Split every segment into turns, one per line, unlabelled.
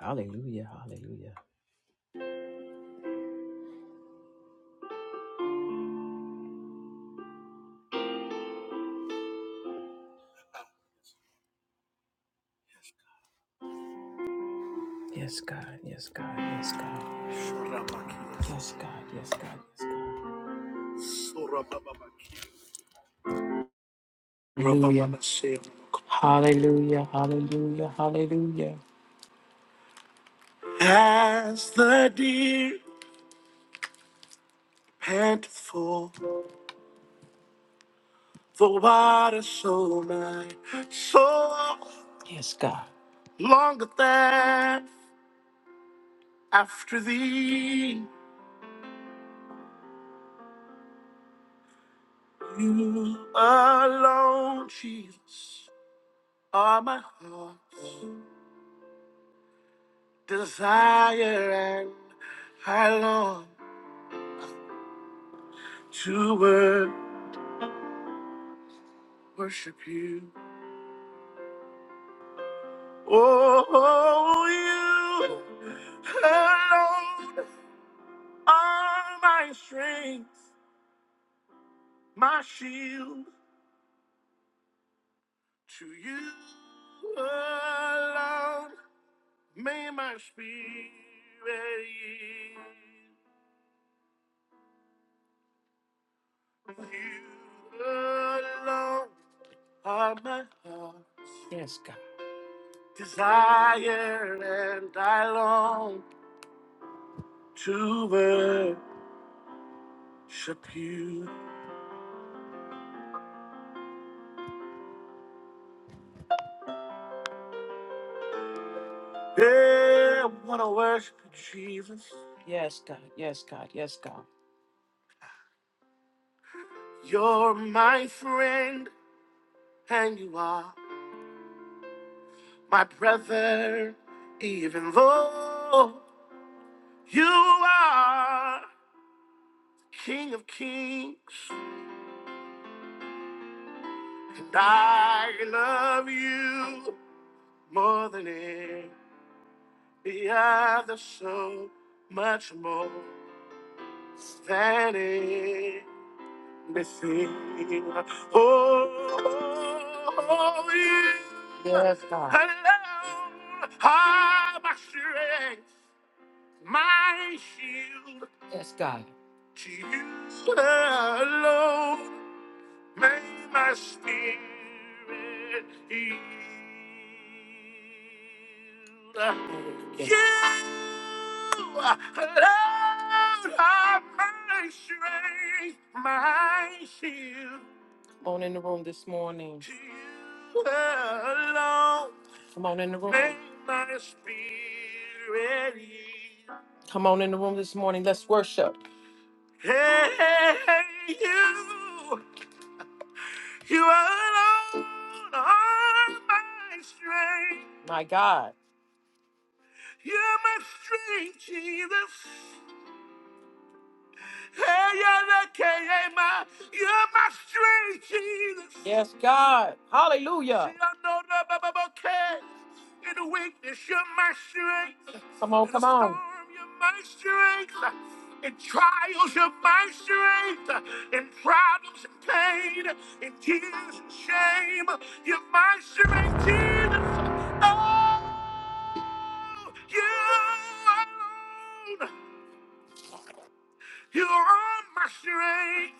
Hallelujah. Hallelujah. Yes, God. Yes, God. Yes, God. Yes, God. Yes, God. Yes, God. Hallelujah. Hallelujah. Hallelujah. Hallelujah. As the deer pant for the water, so my soul. Yes, God. Longer than after thee, you alone, Jesus. All my heart's desire and I long to wor- worship you. Oh, you alone are my strength, my shield. To you alone may my spirit yield. You alone are my heart. Yes, God. desire and I long to worship you. Yeah, I want to worship you, Jesus. Yes, God. Yes, God. Yes, God. You're my friend and you are my brother, even though you are King of Kings and I love you more than Yeah, there's so much more standing before you. Oh, oh, oh, yeah. Yes, God. Alone are my strength, my shield. Yes, God. To you alone May my spirit yield. Yes. You alone are my strength, my shield. Come on in the room this morning. You alone. Come on in the room. May my spirit yield. Come on in the room this morning. Let's worship. Hey, you. You alone are my strength. My God. You're my strength, Jesus. You're my strength, Jesus. Yes, God. Hallelujah. In the weakness, you're my strength. Come on, In come the come on. You're my strength. In trials, you're my strength. In problems and pain, in tears and shame, you're my strength, Jesus. Oh, you alone. You are my strength.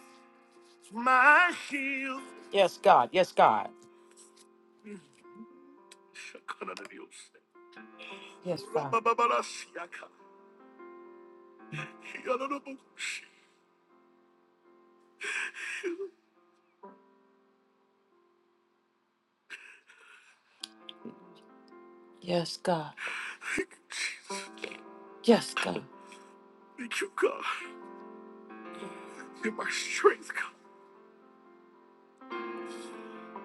my shield. Yes, God. Yes, God. Yes, God. Yes, God. Thank you, Jesus. Yes, God. Thank you, God. You're my strength,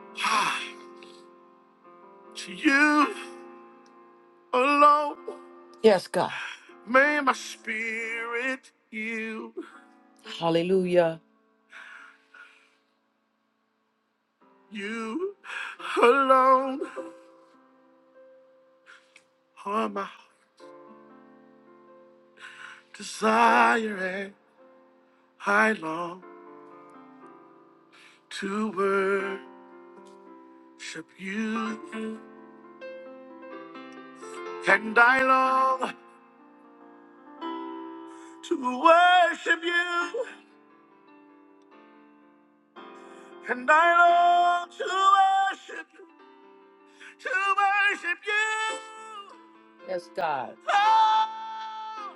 God. to you alone Yes, God. may my spirit yield. Hallelujah. You alone are my desire and I long. to worship you. And I long to worship you. And I long to worship, to worship you. Yes, God. Oh,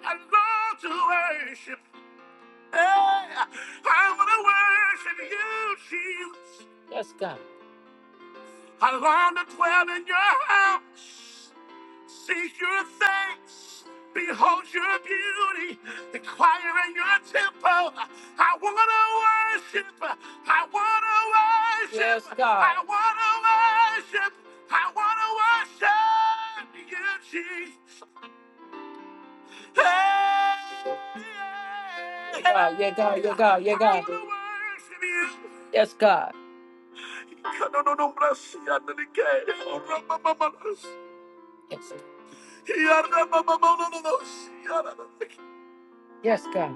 I long to worship. Hey, I want to worship you, Jesus. Yes, God. Around the dwell in your house. Seek your thanks. Behold your beauty. Inquire in your temple. I want to worship. I want to worship. Yes, God. I want to worship. I want to worship you, Jesus. Hey. God, yeah, God, yeah, God, yeah, God. I wanna worship you. Yes, God. Yes, yes, God.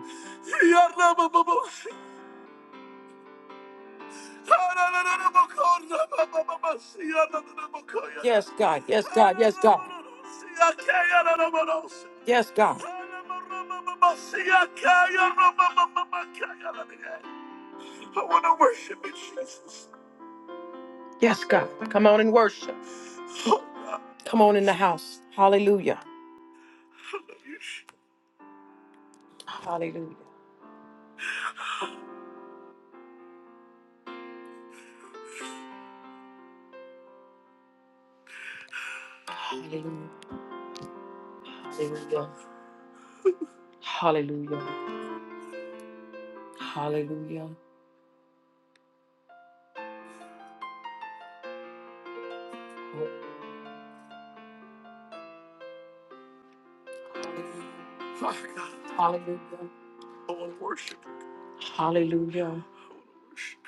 Yes, God. Yes, God. Yes, God. Yes, God. I want to worship you, Jesus. Yes, God. Come on and worship. Oh, God. Come on in the house. Hallelujah. I Hallelujah. Hallelujah. Hallelujah. Hallelujah. Hallelujah. Oh, hallelujah. Father God. Hallelujah. I want to worship. Hallelujah. I want to worship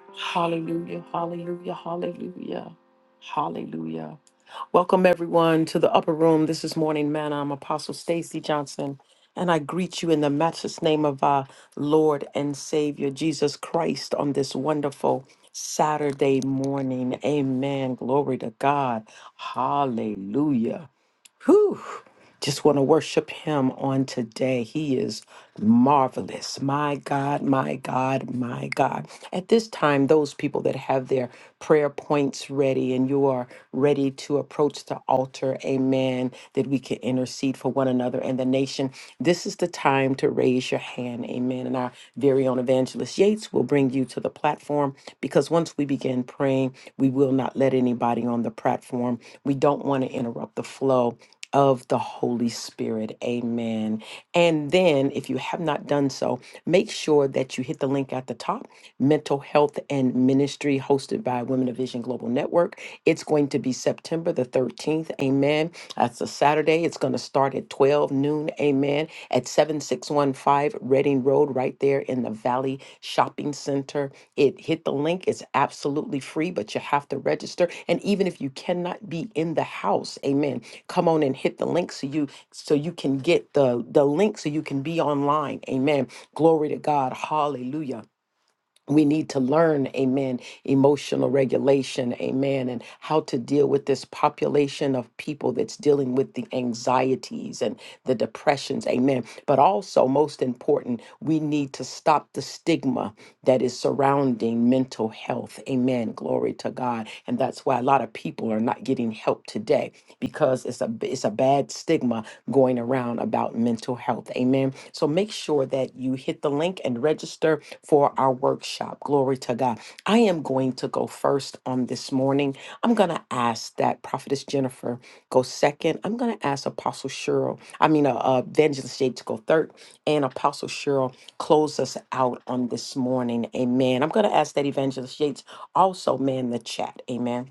you. Hallelujah. Hallelujah. Hallelujah. Hallelujah. Welcome everyone to the upper room. This is Morning Manna. I'm Apostle Stacy Johnson, and I greet you in the matchless name of our Lord and Savior Jesus Christ on this wonderful Saturday morning. Amen. Glory to God. Hallelujah. Whew. Just want to worship him on today. He is marvelous. My God, my God, my God. At this time, those people that have their prayer points ready and you are ready to approach the altar, amen, that we can intercede for one another and the nation, this is the time to raise your hand, amen. And our very own evangelist Yates will bring you to the platform because once we begin praying, we will not let anybody on the platform. We don't want to interrupt the flow of the Holy Spirit. Amen. And then, if you have not done so, make sure that you hit the link at the top Mental Health and Ministry, hosted by Women of Vision Global Network. It's going to be September the 13th. Amen. That's a Saturday. It's going to start at 12 noon. Amen. At 7615 Reading Road, right there in the Valley Shopping Center. It hit the link. It's absolutely free, but you have to register. And even if you cannot be in the house, amen. Come on and hit the link so you so you can get the the link so you can be online. Amen. Glory to God. Hallelujah we need to learn, amen, emotional regulation, amen, and how to deal with this population of people that's dealing with the anxieties and the depressions, amen. But also, most important, we need to stop the stigma that is surrounding mental health, amen. Glory to God. And that's why a lot of people are not getting help today because it's a it's a bad stigma going around about mental health. Amen. So make sure that you hit the link and register for our workshop. Glory to God. I am going to go first on this morning. I'm going to ask that prophetess Jennifer go second. I'm going to ask Apostle Cheryl, I mean uh, uh, Evangelist Jade to go third and Apostle Cheryl close us out on this morning. Amen. I'm going to ask that Evangelist Yates also man the chat. Amen.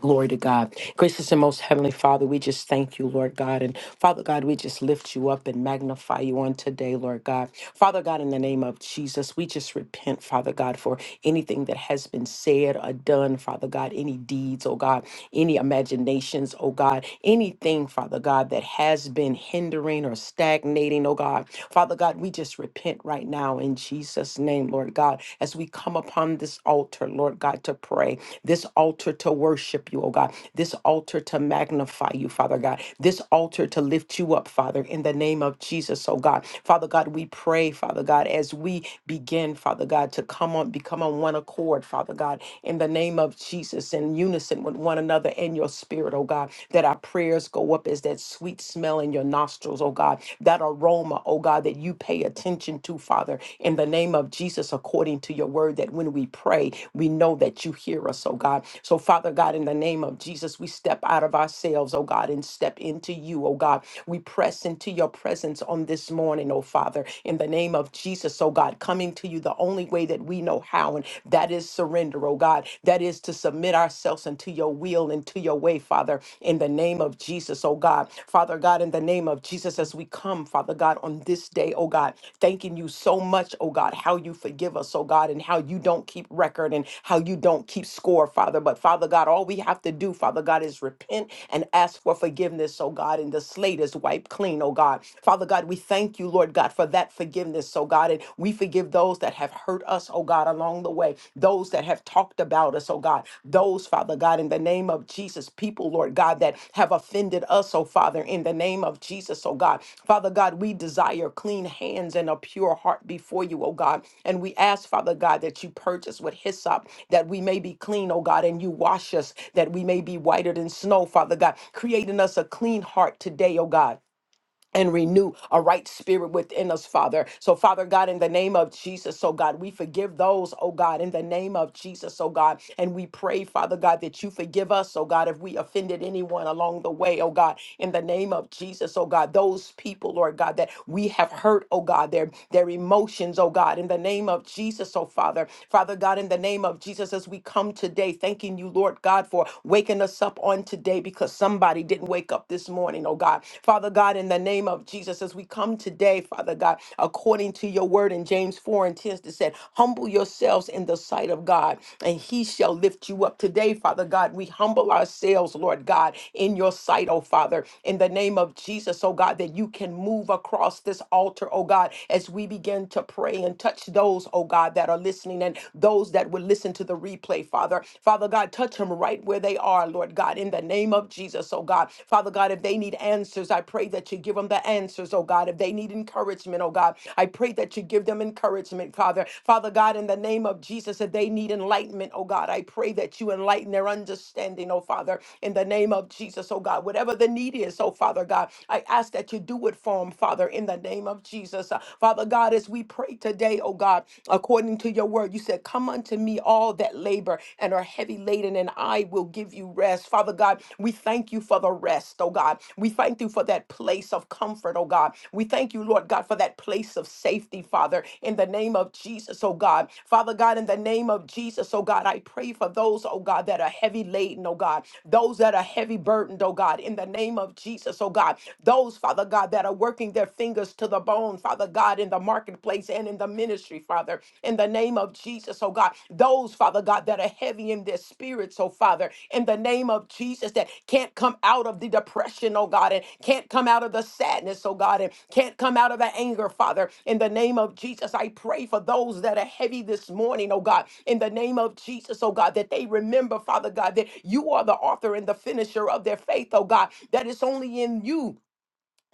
Glory to God. Gracious and most heavenly Father, we just thank you, Lord God. And Father God, we just lift you up and magnify you on today, Lord God. Father God, in the name of Jesus, we just repent, Father God, for anything that has been said or done, Father God, any deeds, oh God, any imaginations, oh God, anything, Father God, that has been hindering or stagnating, oh God. Father God, we just repent right now in Jesus' name, Lord. Lord God, as we come upon this altar, Lord God, to pray, this altar to worship you, oh God, this altar to magnify you, Father God, this altar to lift you up, Father, in the name of Jesus, oh God. Father God, we pray, Father God, as we begin, Father God, to come on, become on one accord, Father God, in the name of Jesus, in unison with one another in your spirit, oh God, that our prayers go up as that sweet smell in your nostrils nostrils, oh God, that aroma, oh God, that you pay attention to, Father, in the name of Jesus, according to your word, that when we pray, we know that you hear us, oh God. So, Father God, in the name of Jesus, we step out of ourselves, oh God, and step into you, oh God. We press into your presence on this morning, oh Father, in the name of Jesus, oh God, coming to you the only way that we know how, and that is surrender, oh God. That is to submit ourselves unto and to your will and to your way, Father, in the name of Jesus, oh God. Father God, in the name of Jesus, as we come, Father God, on this day, oh God, thanking you so much, oh God, how you forgive us, oh God, and how you don't keep record and how you don't keep score, Father. But Father God, all we have to do, Father God, is repent and ask for forgiveness, oh God, and the slate is wiped clean, oh God. Father God, we thank you, Lord God, for that forgiveness, oh God, and we forgive those that those that have hurt us, oh God, along the way, those that have talked about us, oh God, those, Father God, in the name of Jesus, people, Lord God, that have offended us, oh Father, in the name of Jesus, oh God. Father God, we desire clean hands and a pure heart before you, oh God. And we ask, Father God, that you purge us with hyssop, that we may be clean, oh God, and you wash us, that we may be whiter than snow, Father God. Create in us a clean heart today, oh God and renew a right spirit within us, Father. So, Father God, in the name of Jesus, oh God, we forgive those, oh God, in the name of Jesus, oh God. And we pray, Father God, that you forgive us, oh God, if we offended anyone along the way, oh God, in the name of Jesus, oh God, those people, Lord God, that we have hurt, oh God, their, their emotions, oh God, in the name of Jesus, oh Father. Father God, in the name of Jesus, as we come today, thanking you, Lord God, for waking us up on today because somebody didn't wake up this morning, oh God. Father God, in the name of Jesus, as we come today, Father God, according to your word in James 4 and 10 that said, humble yourselves in the sight of God, and he shall lift you up. Today, Father God, we humble ourselves, Lord God, in your sight, oh Father, in the name of Jesus, oh God, that you can move across this altar, oh God, as we begin to pray and touch those, oh God, that are listening and those that will listen to the replay, Father. Father Father God, touch them right where they are, Lord God, in the name of Jesus, oh God. Father God, if they need answers, I pray that you give them the answers, oh God. If they need encouragement, oh God, I pray that you give them encouragement, Father. Father God, in the name of Jesus, if they need enlightenment, oh God, I pray that you enlighten their understanding, oh Father, in the name of Jesus, oh God. Whatever the need is, oh Father God, I ask that you do it for them, Father, in the name of Jesus. Uh, Father God, as we pray today, oh God, according to your to your word. You said, Come unto me, all that labor and are heavy laden, and I will give you rest. Father God, we thank you for the rest, oh God. We thank you for that place of comfort, oh God. We thank you, Lord God, for that place of safety, Father, in the name of Jesus, oh God. Father God, in the name of Jesus, oh God, I pray for those, oh God, that are heavy laden, oh God, those that are heavy burdened, oh God, in the name of Jesus, oh God, those, Father God, that are working their fingers to the bone, Father. Father God, in the marketplace and in the ministry, Father, in the name of Jesus, oh God. Those, Father God, that are heavy in their spirits, oh Father, in the name of Jesus, that can't come out of the depression, oh God, and can't come out of the sadness, oh God, and can't come out of the anger, Father. In the name of Jesus, I pray for those that are heavy this morning, oh God, in the name of Jesus, oh God, that they remember, Father God, that you are the author and the finisher of their faith, oh God, that it's only in you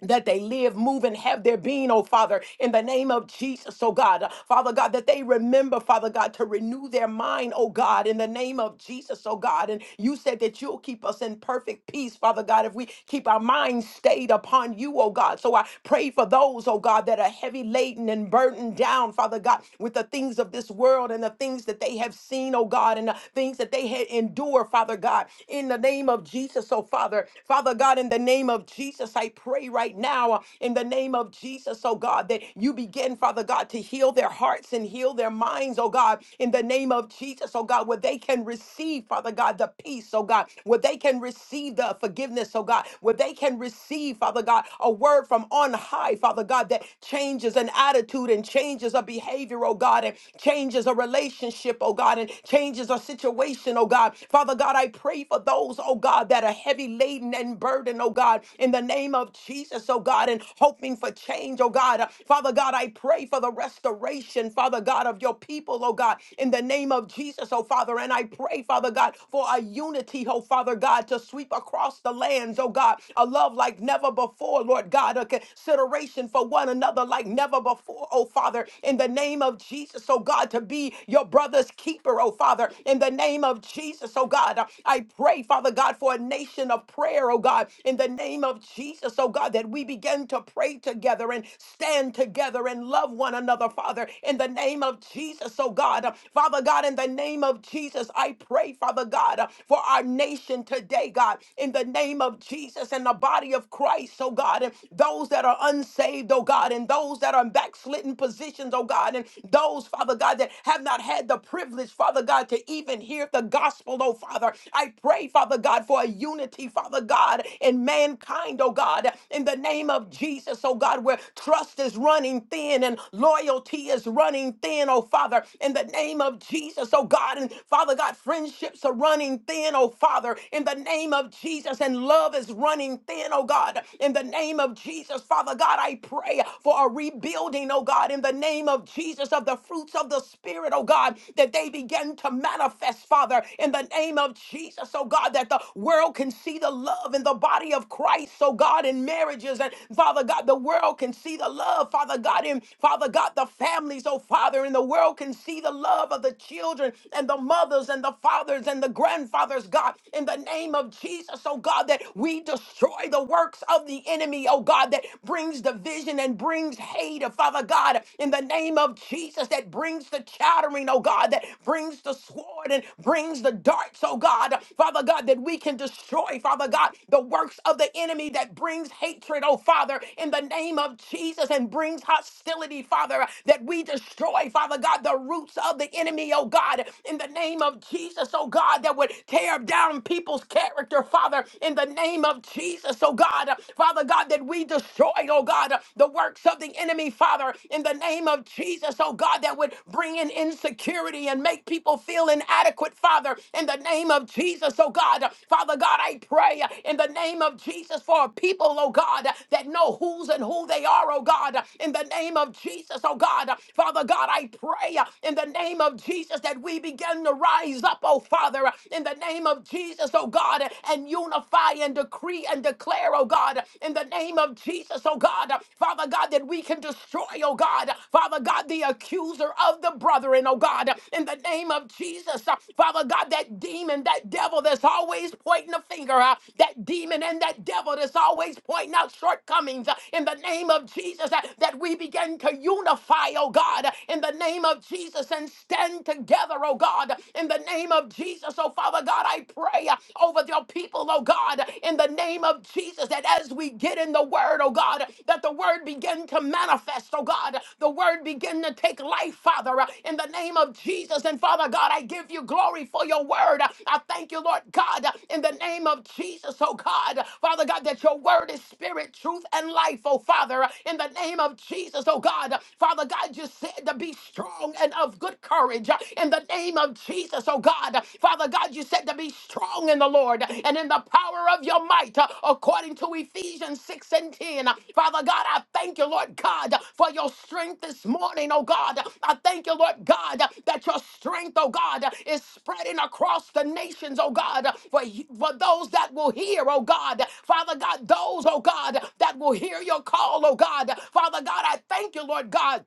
that they live, move, and have their being, oh Father, in the name of Jesus, oh God. Father God, that they remember, Father God, to renew their mind, oh God, in the name of Jesus, oh God. And you said that you'll keep us in perfect peace, Father God, if we keep our minds stayed upon you, oh God. So I pray for those, oh God, that are heavy laden and burdened down, Father God, with the things of this world and the things that they have seen, oh God, and the things that they had endured, Father God, in the name of Jesus, oh Father. Father God, in the name of Jesus, I pray right now, uh, in the name of Jesus, oh God, that you begin, Father God, to heal their hearts and heal their minds, oh God, in the name of Jesus, oh God, where they can receive, Father God, the peace, oh God, where they can receive the forgiveness, oh God, where they can receive, Father God, a word from on high, Father God, that changes an attitude and changes a behavior, oh God, and changes a relationship, oh God, and changes a situation, oh God. Father God, I pray pray for those, oh God, that are heavy laden and burdened, oh God, in the name of Jesus, oh God, and hoping for change, oh God. Uh, Father God, I pray for the restoration, Father God, of your people, oh God, in the name of Jesus, oh Father. And I pray, Father God, for a unity, oh Father God, to sweep across the lands, oh God, a love like never before, Lord God, a consideration for one another like never before, oh Father, in the name of Jesus, oh God, to be your brother's keeper, oh Father. Father, in the name of Jesus, oh God. I pray, Father God, for a nation of prayer, oh God, in the name of Jesus, oh God, that we begin to pray together and stand together and love one another, Father, in the name of Jesus, oh God. Father God, in the name of Jesus, I pray, Father God, for our nation today, God, in the name of Jesus and the body of Christ, oh God, and those that are unsaved, oh God, and those that are in backslidden positions, oh God, and those, Father. Father God, that have not had the privilege, Father God, to even hear the gospel, oh Father. I pray, Father God, for a unity, Father God, in mankind, oh God, in the name of Jesus, oh God, where trust is running thin and loyalty is running thin, oh Father, in the name of Jesus, oh God, and Father God, friendships are running thin, oh Father, in the name of Jesus, and love is running thin, oh God, in the name of Jesus, Father God, I pray for a rebuilding, morning, oh God, in the name of Jesus, of the fruits of the Spirit, oh God, that they begin to manifest, Father, in the name of Jesus, oh God, that the world can see the love in the body of Christ, oh God, in marriages, and Father God, the world can see the love, Father God, in Father God, the families, oh Father, and the world can see the love of the children and the mothers and the fathers and the grandfathers, God, in the name of Jesus, oh God, that we destroy the works of the enemy, oh God, that brings division and brings hate, Father God, in the name of Jesus, that brings the chattering, oh God, that brings the sword and brings the darts, oh God, Father God, that we can destroy, Father God, the works of the enemy that brings hatred, oh Father, in the name of Jesus, and brings hostility, Father, that we destroy, Father God, the roots of the enemy, oh God, in the name of Jesus, oh God, that would tear down people's character, Father, in the name of Jesus. Jesus, oh God, uh, Father God, that we destroyed, oh God, uh, the works of the enemy, Father, in the name of Jesus, oh God, that would bring in insecurity and make people feel inadequate, Father, in the name of Jesus, oh God, Uh, Father God, I pray uh, in the name of Jesus for a people, oh God, uh, that know who's and who they are, oh God, Uh, in the name of Jesus, oh God, Uh, Father God, I pray uh, in the name of Jesus that we begin to rise up, oh Father, Uh, in the name of Jesus, oh oh God, and unify and decree and declare, oh God, in the name of Jesus, oh God, Father God, that we can destroy, oh God, Father God, the accuser of the brethren, oh God, in the name of Jesus, uh, Father God, that demon, that devil that's always pointing a finger, uh, that demon and that devil that's always pointing out shortcomings, uh, in the name of Jesus, uh, that we begin to unify, oh God, in the name of Jesus, and stand together, oh God, in the name name of Jesus. Oh, Father God, I pray uh, over your people, oh God, in the name of Jesus, that as we get in the word, oh God, that the word begin to manifest, oh God, the word begin to take life, Father, uh, in the name of Jesus. And Father God, I give you glory for your word. I thank you, Lord God, in the name of Jesus, oh God, Father God, that your word is spirit, truth, and life, oh Father, in the name of Jesus, oh God, Father God, you said to be strong and of good good courage uh, in the name of Jesus, oh God. Father God, you said to be strong in the Lord and in the power of your might, uh, according to Ephesians 6 and 10. Father God, I thank you, Lord God, for your strength this morning, oh God. I thank you, Lord God, that your strength, oh God, is spreading across the nations, oh God, for, for those that will hear, oh God. Father God, those, oh God, that will hear your call, oh God. Father God, I thank you, Lord God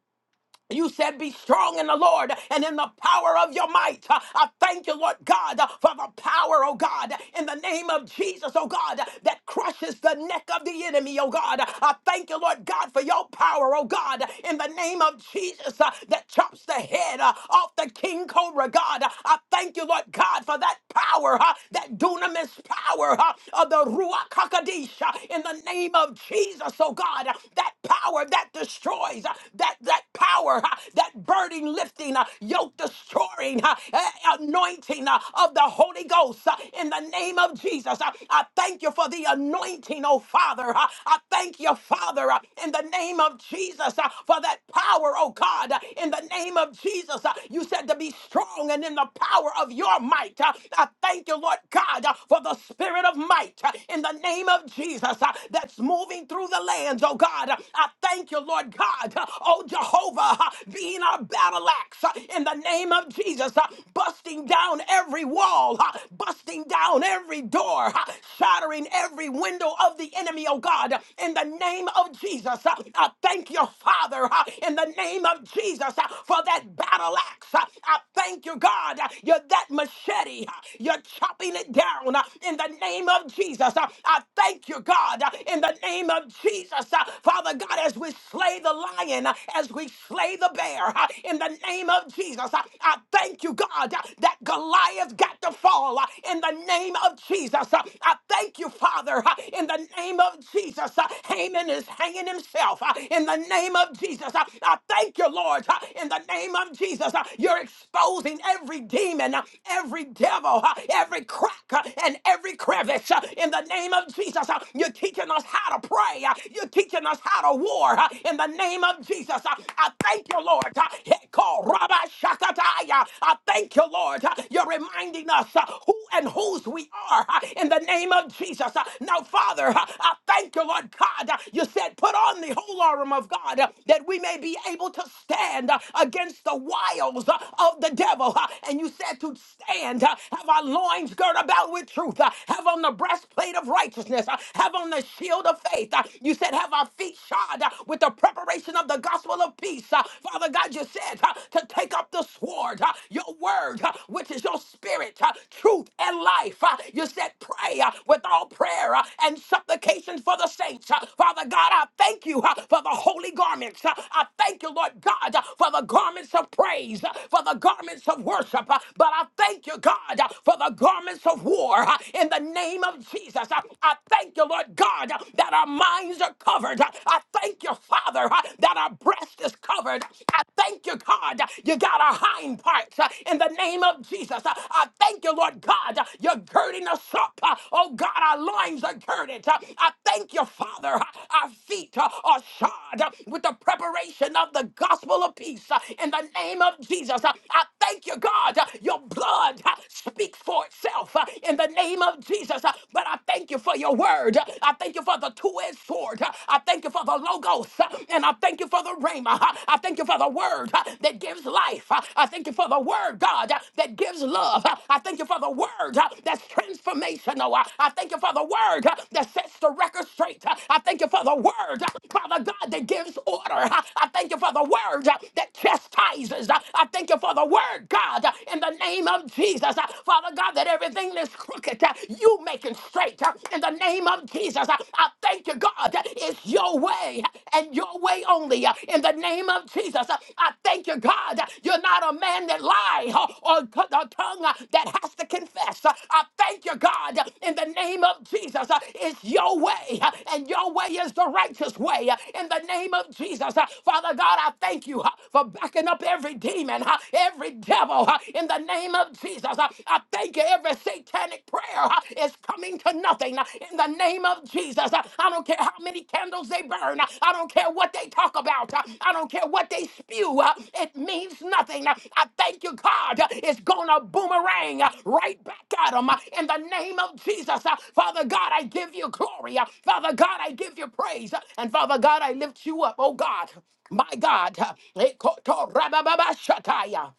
you said, Be strong in the Lord and in the power of your might. Uh, I thank you, Lord God, uh, for the power, oh God, in the name of Jesus, oh God, that crushes the neck of the enemy, oh God. I thank you, Lord God, for your power, oh God, in the name of Jesus, uh, that chops the head uh, off the king cobra, God. I thank you, Lord God, for that power, uh, that dunamis power uh, of the Ruach HaKodesh, uh, in the name of Jesus, oh God, that power that destroys, uh, uh, that that power, uh, that burden lifting, uh, yoke destroying, uh, uh, anointing uh, of the Holy Ghost uh, in the name of Jesus. Uh, I thank you for the anointing, oh Father. Uh, I thank you, Father, uh, in the name of Jesus uh, for that power, oh God, uh, in the name of Jesus. uh, You said to be strong and in the power of your might. Uh, I thank you, Lord God, uh, for the spirit of might uh, in the name of Jesus uh, that's moving through the lands, oh God. Uh, I Thank you, Lord God. Oh, Jehovah, being our battle axe uh, in the name of Jesus, uh, busting down every wall, uh, busting down every door, uh, shattering every window of the enemy, oh God, in the name of Jesus. Uh, I thank you, Father, uh, in the name of Jesus, uh, for that battle axe. Uh, I thank you, God. uh, You're that machete. uh, You're chopping it down uh, in the name of Jesus. Uh, I thank you, God, uh, in the name of Jesus. Jesus. Uh, Father God, as we slay the lion, uh, as we slay the bear, uh, in the name of Jesus, uh, I thank you, God, uh, that Goliath got to fall uh, in the name of Jesus. Uh, I thank you, Father, uh, in the name of Jesus. Uh, Haman is hanging himself uh, in the name of Jesus. Uh, I thank you, Lord, uh, in the name of Jesus. Uh, You're exposing every demon, uh, every devil, uh, every crack, uh, and every crevice uh, in the name of Jesus. Uh, You're teaching teaching us how to pray. Uh, You're teaching us how to war uh, in the name of Jesus. Uh, I thank you, Lord. Uh, Heko raba shakataya. I thank you, Lord. Uh, You're reminding us uh, who and whose we are uh, in the name of Jesus. Uh, Now, Father, uh, I thank you, Lord God. Uh, You said, put on the whole armor of God uh, that we may be able to stand uh, against the wiles uh, of the devil. Uh, And you said to stand, uh, have our loins girt about with truth, uh, have on the breastplate of righteousness righteousness. Uh, Have on the shield of faith. Uh, You said, Have our feet shod uh, with the preparation of the gospel of peace. Uh, Father God, you said uh, to take up the sword, uh, your word, uh, which is your spirit, uh, truth, and life. Uh, You said, Pray uh, with all prayer uh, and supplications for the saints. Uh, Father God, I thank you uh, for the holy garments. Uh, I thank you, Lord God, uh, for the garments of praise, uh, for the garments of worship. Uh, But I thank you, God, uh, for the garments of war uh, in the name name of Jesus. Uh, I thank you, Lord God, uh, that our minds are covered. Uh, I thank you, Father, uh, that our breast is covered. I thank you, God, uh, you got our hind parts uh, in the name of Jesus. Uh, I thank you, Lord God, uh, you're girding us up. Uh, Oh God, our loins are girded. Uh, I thank you, Father, uh, our feet uh, are shod uh, with the preparation of the gospel of peace uh, in the name of Jesus. Uh, I thank you, God, uh, your blood uh, speaks for itself uh, in the name of Jesus. uh, But I thank you for your word. uh, I thank you for the two-edged sword. uh, I thank you for the logos. uh, And I thank you for the rhema. uh, I thank you for the word uh, that gives life. uh, I thank you for the word, God, uh, that gives love. uh, I thank you for the word uh, that's transformational. uh, I thank you for the word uh, that sets the record straight. uh, I thank you for the word, uh, Father God, that gives order. uh, I thank you for the word uh, that chastises. uh, I thank you for the word, God, uh, in the name of Jesus. uh, uh, Father God, that everything that's crooked, uh, you making straight uh, in the name of Jesus. Uh, I thank you, God. uh, It's your way uh, and your way only uh, in the name of Jesus. Uh, I thank you, God. uh, You're not a man that lie uh, or t- a tongue uh, that has to confess. Uh, I thank you, God, uh, in the name of Jesus. Uh, It's your way uh, and your way is the righteous way uh, in the name of Jesus. Uh, Father God, I thank you uh, for backing up every demon, uh, every devil uh, in the in the name of Jesus. Uh, I thank you. Every satanic prayer uh, is coming to nothing uh, in the name of Jesus. Uh, I don't care how many candles they burn. Uh, I don't care what they talk about. Uh, I don't care what they spew. Uh, It means nothing. Uh, I thank you, God. Uh, It's going to boomerang uh, right back at them uh, in the name of Jesus. Uh, Father God, I give you glory. Uh, Father God, I give you praise. Uh, And Father God, I lift you up. Oh God, my God. Uh,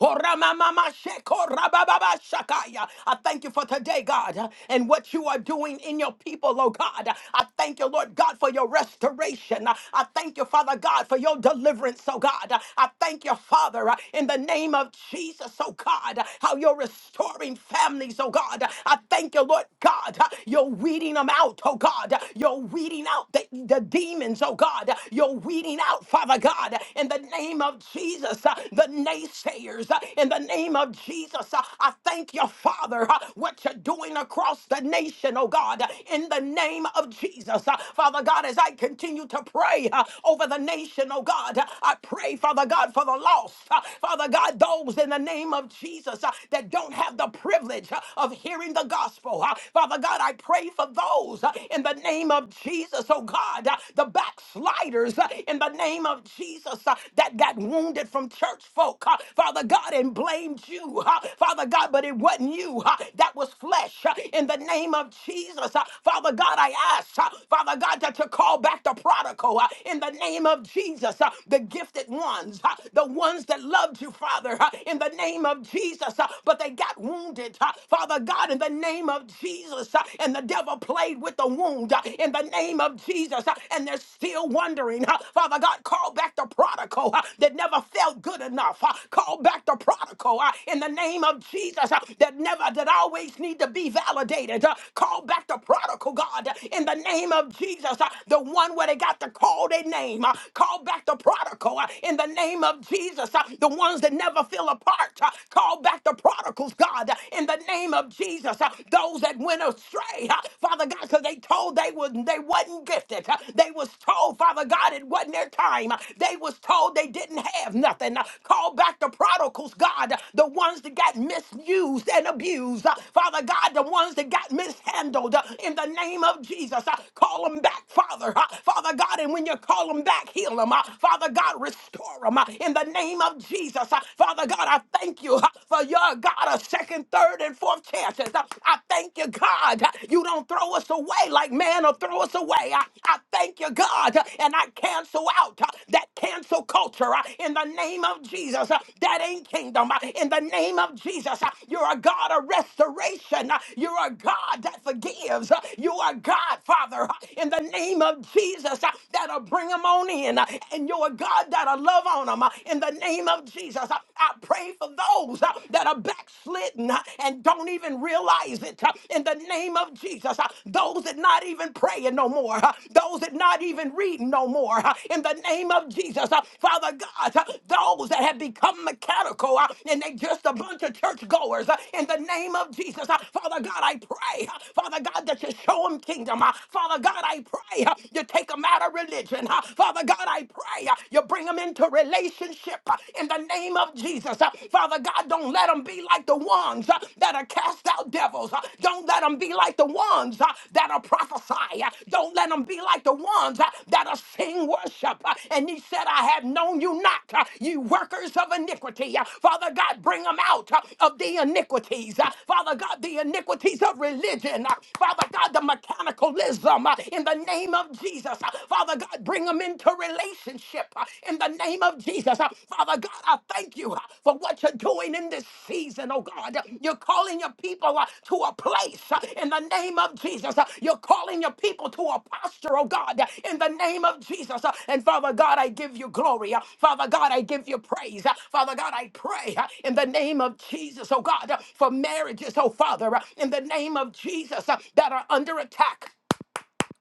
Horamamamasheko-rabababashakaya. I thank you for today, God, and what you are doing in your people, oh God. I thank you, Lord God, for your restoration. I thank you, Father God, for your deliverance, oh God. I thank you, Father, in the name of Jesus, oh God, how you're restoring families, oh God. I thank you, Lord God, you're weeding them out, oh God. You're weeding out the, the demons, oh God. You're weeding out, Father God, in the name of Jesus, uh, the naysayers, uh, in the name of Jesus, uh, I thank you, Father, uh, what you're doing across the nation, oh God, uh, in the name of Jesus. Uh, Father God, as I continue to pray uh, over the nation, oh God, uh, I pray, Father God, for the lost. Uh, Father God, those in the name of Jesus uh, that don't have the privilege uh, of hearing the gospel. Uh, Father God, I pray for those uh, in the name of Jesus, oh God, uh, the backsliders lighters uh, in the name of Jesus uh, that got wounded from church folk, uh, Father God, and blamed you, uh, Father God, but it wasn't you. uh, That was flesh uh, in the name of Jesus. uh, Father God, I ask, uh, Father God, that you call back the prodigal uh, in the name of Jesus, uh, the gifted ones, uh, the ones that loved you, Father, uh, in the name of Jesus, uh, but they got wounded, uh, Father God, in the name of Jesus, uh, and the devil played with the wound. uh, redeemed uh, in the name of Jesus, uh, and they're still wondering. uh, Father God, call back the prodigal uh, that never felt good enough. uh, Call back the prodigal uh, in the name of Jesus uh, that never, that always need to be validated. uh, Call back the prodigal, God, uh, in the name of Jesus, uh, the one where they got to call their name. uh, Call back the prodigal uh, in the name of Jesus, uh, the ones that never feel apart. uh, Call back the prodigals, God, uh, in the name of Jesus, uh, those that that went astray, huh, Father God, because they told they was they wasn't gifted. huh. They was told, Father God, it wasn't their time. huh. They was told they didn't have nothing. huh. Call back the prodigals, God, uh, the ones that got misused and abused. huh. Father God, the ones that got mishandled huh, in the name of Jesus. huh. Call them back, Father. huh. Father God, and when you call them back, heal them. Father God, restore them in the name of Jesus. huh. Father God, I thank you huh, for your God second, third, and fourth chances. I, I thank you, God. You don't throw us away like man will throw us away. I, I thank you, God. And I cancel out uh, that cancel culture uh, in the name of Jesus. Uh, That ain't kingdom. Uh, In the name of Jesus, uh, you're a God of restoration. Uh, You're a God that forgives. Uh, You are God, Father, uh, in the name of Jesus, uh, that'll bring them on in. Uh, And you're a God that'll love on them in the name of Jesus. Uh, I pray for those uh, that are backslidden uh, and don't even realize it uh, in the name of Jesus. uh, Those that not even praying no more. uh, Those that not even reading no more uh, in the name of Jesus. uh, Father God, uh, those that have become mechanical uh, and they just a bunch of churchgoers uh, in the name of Jesus. uh, Father God, I pray, uh, Father God, that you show them kingdom. uh, Father God, I pray uh, you take them out of religion. uh, Father God, I pray uh, you bring bring them into relationship uh, in the name of Jesus. Uh, Father God, don't let them be like the ones uh, that are cast out devils. Uh, Don't let them be like the ones uh, that are prophesy. Uh, Don't let them be like the ones uh, that are sing worship. Uh, And he said, I have known you not, uh, you workers of iniquity. Uh, Father God, bring them out uh, of the iniquities. Uh, Father God, the iniquities of religion. Uh, Father God, the mechanicalism uh, in the name of Jesus. Uh, Father Father God, bring them into relationship uh, in the name of Jesus. Uh, Father God, I thank you uh, for what you're doing in this season, oh God. Uh, You're calling your people uh, to a place uh, in the name of Jesus. Uh, You're calling your people to a posture, oh God, uh, in the name of Jesus. Uh, And Father God, I give you glory. Uh, Father God, I give you praise. Uh, Father God, I pray uh, in the name of Jesus, oh God, uh, for marriages, oh Father, uh, in the name of Jesus uh, that are under attack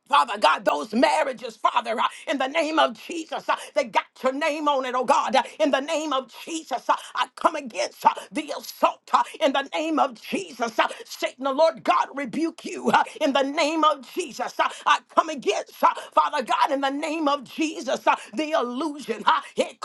Father God, those marriages, Father, uh, in the name of Jesus, uh, they got your name on it, oh God. Uh, in the name of Jesus, uh, I come against uh, the assault uh, in the name of Jesus. Uh, Satan, the Lord God, rebuke you uh, in the name of Jesus. Uh, I come against, uh, Father God, in the name of Jesus, uh, the illusion. Uh, it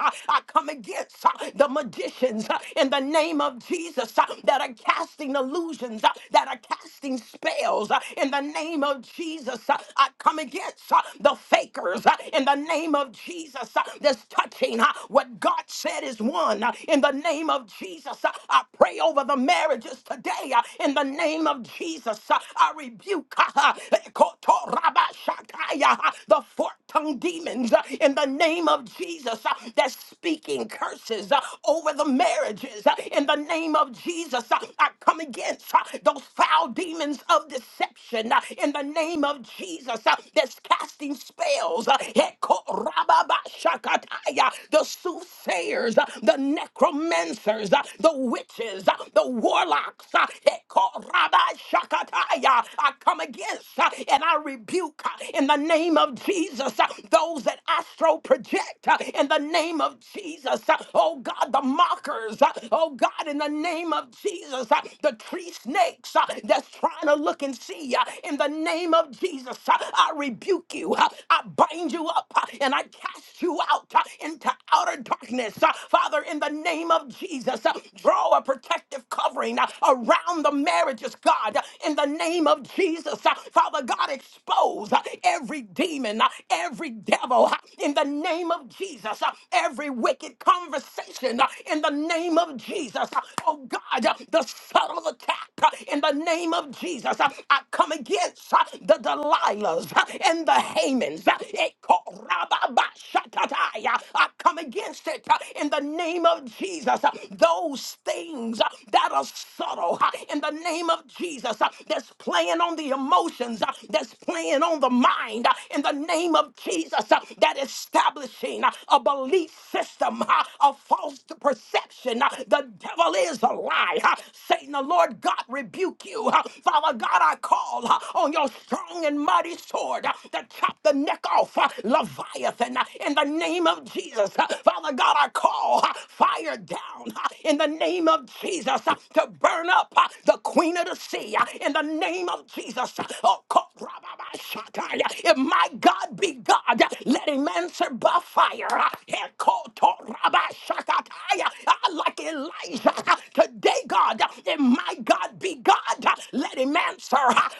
Uh, I come against uh, the magicians uh, in the name of Jesus uh, that are casting illusions, uh, that are casting spells uh, in the name of Jesus. Uh, I come against uh, the fakers uh, in the name of Jesus uh, that's touching uh, what God said is one uh, in the name of Jesus. Uh, I pray over the marriages today uh, in the name of Jesus. Uh, I rebuke uh, uh, Kotorabashataya, uh, the fork tongued demons uh, in the name of Jesus uh, that's speaking curses uh, over the marriages uh, in the name of Jesus. uh, I come against uh, those foul demons of deception uh, in the name of Jesus uh, that's casting spells. uh, Hekorababashakataya, The soothsayers, uh, the necromancers, uh, the witches, uh, the warlocks. uh, Hekorabashakataya, I come against uh, and I rebuke uh, in the name of Jesus uh, those that astro project uh, in the name of Jesus. uh, Oh God, the mockers. uh, Oh God, in the name of Jesus, uh, the tree snakes uh, that's trying to look and see. uh, In the name of Jesus, uh, I rebuke you. uh, I bind you up uh, and I cast you out uh, into outer darkness. uh, Father, in the name of Jesus, uh, draw a protective covering uh, around the marriages, God. uh, In the name of Jesus, uh, Father God, expose uh, every demon, uh, every devil. uh, In the name of Jesus, uh, every wicked conversation. uh, In the name of Jesus, uh, oh God, uh, the subtle attack uh, in the name of Jesus. Uh, I come against uh, the Delilahs uh, and the Hamans. Uh, Ekorababashatataya. I come against it uh, in the name of Jesus. Uh, Those things uh, that are subtle uh, in the name of Jesus uh, that's playing on the emotions, uh, that's playing on the mind uh, in the name of Jesus uh, that establishing uh, a belief system, uh, a false perception. Uh, The devil is is a lie. huh? Satan, the Lord God, rebuke you. huh? Father God, I call huh, on your strong and mighty sword huh, to chop the neck off huh, Leviathan huh, in the name of Jesus. huh? Father God, I call huh, fire down huh, in the name of Jesus huh, to burn up huh, the queen of the sea huh, in the name of Jesus. huh. Oh, co- rababashatai, if my God be God, huh, let him answer by fire. huh. Ekotorabashakatai, I like it Elijah today, God, and my God be God. Let him answer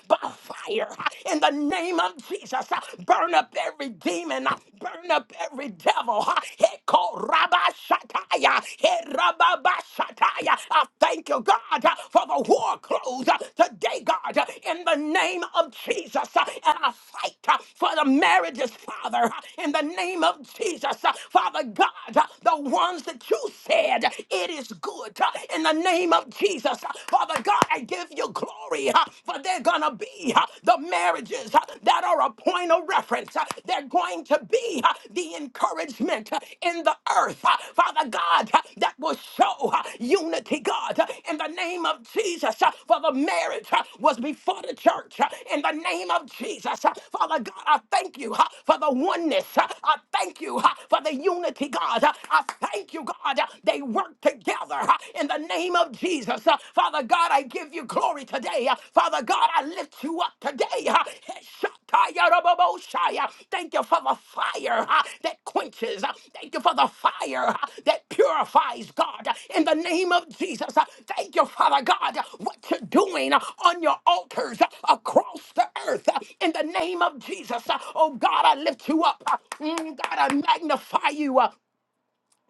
by fire in the name of Jesus. Burn up every demon, burn up every devil. Heko rabashataya, herababashataya. I thank you, God, for the war clothes today, God, in the name of Jesus. And I fight for the marriages, Father, in the name of Jesus. Father God, the ones that you said, It is good uh, in the name of Jesus. Uh, Father God, I give you glory, uh, for they're going to be uh, the marriages uh, that are a point of reference. Uh, They're going to be uh, the encouragement uh, in the earth, uh, Father God, uh, that will show uh, unity, God, uh, in the name of Jesus. Uh, For the marriage uh, was before the church, uh, in the name of Jesus. Uh, Father God, I thank you uh, for the oneness. Uh, I thank you uh, for the unity, God. Uh, I Thank you, God. uh, They work together uh, in the name of Jesus. Uh, Father God, I give you glory today. Uh, Father God, I lift you up today. uh, Shatayarababoshai. Uh, Thank you for the fire uh, that quenches. Uh, Thank you for the fire uh, that purifies, God, uh, in the name of Jesus. Uh, Thank you, Father God, uh, what you're doing uh, on your altars uh, across the earth uh, in the name of Jesus. Uh, Oh God, I lift you up. Uh, mm, God, I magnify you. uh,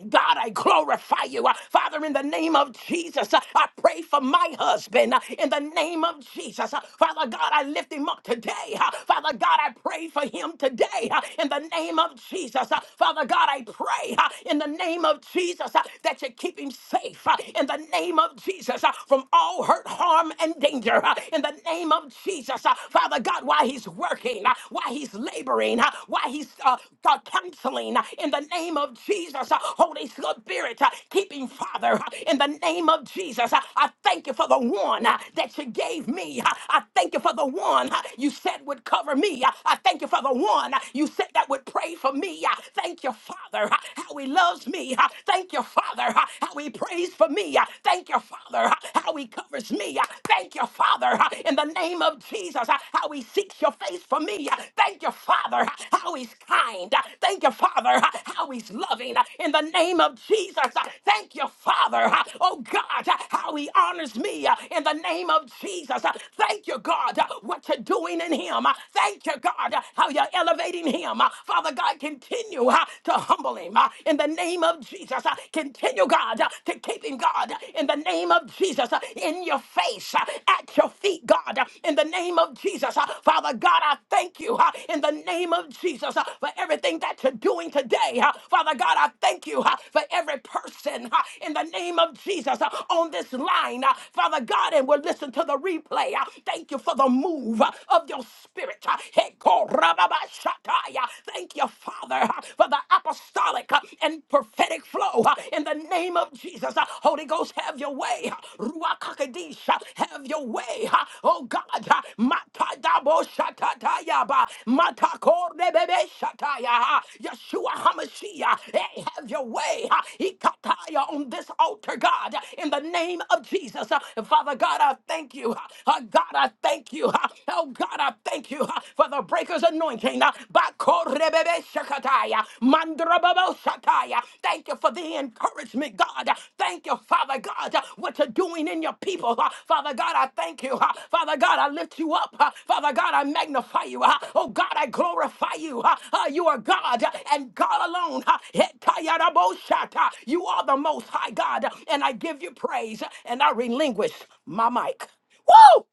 God, I glorify you. Uh, Father, in the name of Jesus, uh, I pray for my husband. uh, In the name of Jesus, Uh, Father God, I lift him up today. Uh, Father God, I pray for him today. uh, In the name of Jesus, Uh, Father God, I pray uh, in the name of Jesus uh, that you keep him safe. uh, In the name of Jesus, uh, from all hurt, harm, and danger. uh, In the name of Jesus, Uh, Father God, while he's working, uh, while he's laboring, uh, uh, while he's uh, uh, counseling uh, in the name of Jesus. uh, Holy Spirit, uh, keeping Father, uh, in the name of Jesus. uh, I thank you for the one uh, that you gave me. uh, I thank you for the one uh, you said would cover me. uh, I thank you for the one uh, you said that would pray for me. uh, Thank you, Father, uh, how he loves me. uh, Thank you, Father, uh, how he prays for me. uh, Thank you, Father, uh, how he covers me. uh, Thank you, Father, uh, in the name name of Jesus, uh, how he seeks your face for me. Uh, Thank you, Father, uh, how he's kind. Uh, Thank you, Father, uh, how he's loving. Uh, In the name of Jesus, uh, thank you, Father, uh, oh God, uh, how he honors me. Uh, In the name of Jesus, uh, thank you, God, uh, what you're doing in him. Uh, Thank you, God, uh, how you're elevating him. Uh, Father God, continue uh, to humble him. Uh, In the name of Jesus, uh, continue, God, uh, to keep him, God, uh, in the the name of Jesus, uh, in your face, uh, at your feet, God, uh, in the name of Jesus. uh, Father God, I thank you uh, in the name of Jesus uh, for everything that you're doing today. uh, Father God, I thank you uh, for every person uh, in the name of Jesus uh, on this line. uh, Father God, and we'll listen to the replay. uh, Thank you for the move uh, of your spirit. uh, Hekorababashakai, uh, Thank you, Father, uh, for the apostolic. uh, and prophetic flow uh, in the name of Jesus. Uh, Holy Ghost, have your way. Uh, Ruach HaKodesh, uh, have your way. Uh, Oh God, uh, Matadabo Shatatayaba, Matakor Rebebe Shataya, uh, Yeshua HaMashiach, uh, hey, have your way. Uh, Ikataya on this altar, God, uh, in the name of Jesus. Uh, Father God, I thank you. Uh, uh, God, I thank you. Uh, Oh God, I thank you uh, for the breaker's anointing anointing. uh, Bakorebebe Shakataya, Mandrababo Shataya. Thank you for the encouragement, God. Uh, Thank you, Father God, uh, what you're doing in your people. Uh, Father God, I thank you. Uh, Father God, I lift you up. Uh, Father God, I magnify you. Uh, Oh God, I glorify you. Uh, uh, You are God uh, and God alone. Uh, Hetayarabo Shata. You are the most high God, uh, and I give you praise uh, and I relinquish my mic. Woo!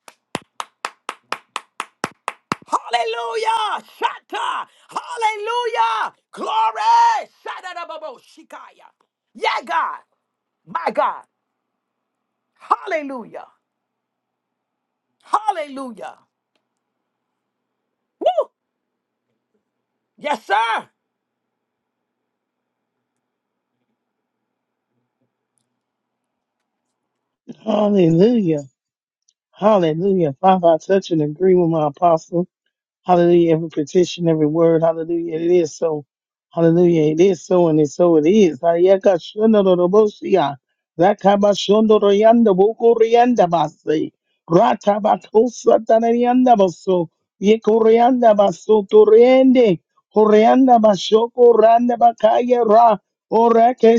Hallelujah. Shatta. Hallelujah. Glory. Shatta Shikaya. Yeah, God. My God. Hallelujah. Hallelujah. Woo. Yes, sir.
Hallelujah. Hallelujah. Father, I touch and agree with my apostle. Hallelujah. Every petition, every word. Hallelujah. It is so. Hallelujah. It is so and it's so it is. Ayaka shono do do siya. Rakaba shono do yanda bo ko rianda ba se. Rata ba ko sa ta so. Ye ko rianda so to riende. Ko rianda ba sho ko randa ba ra. O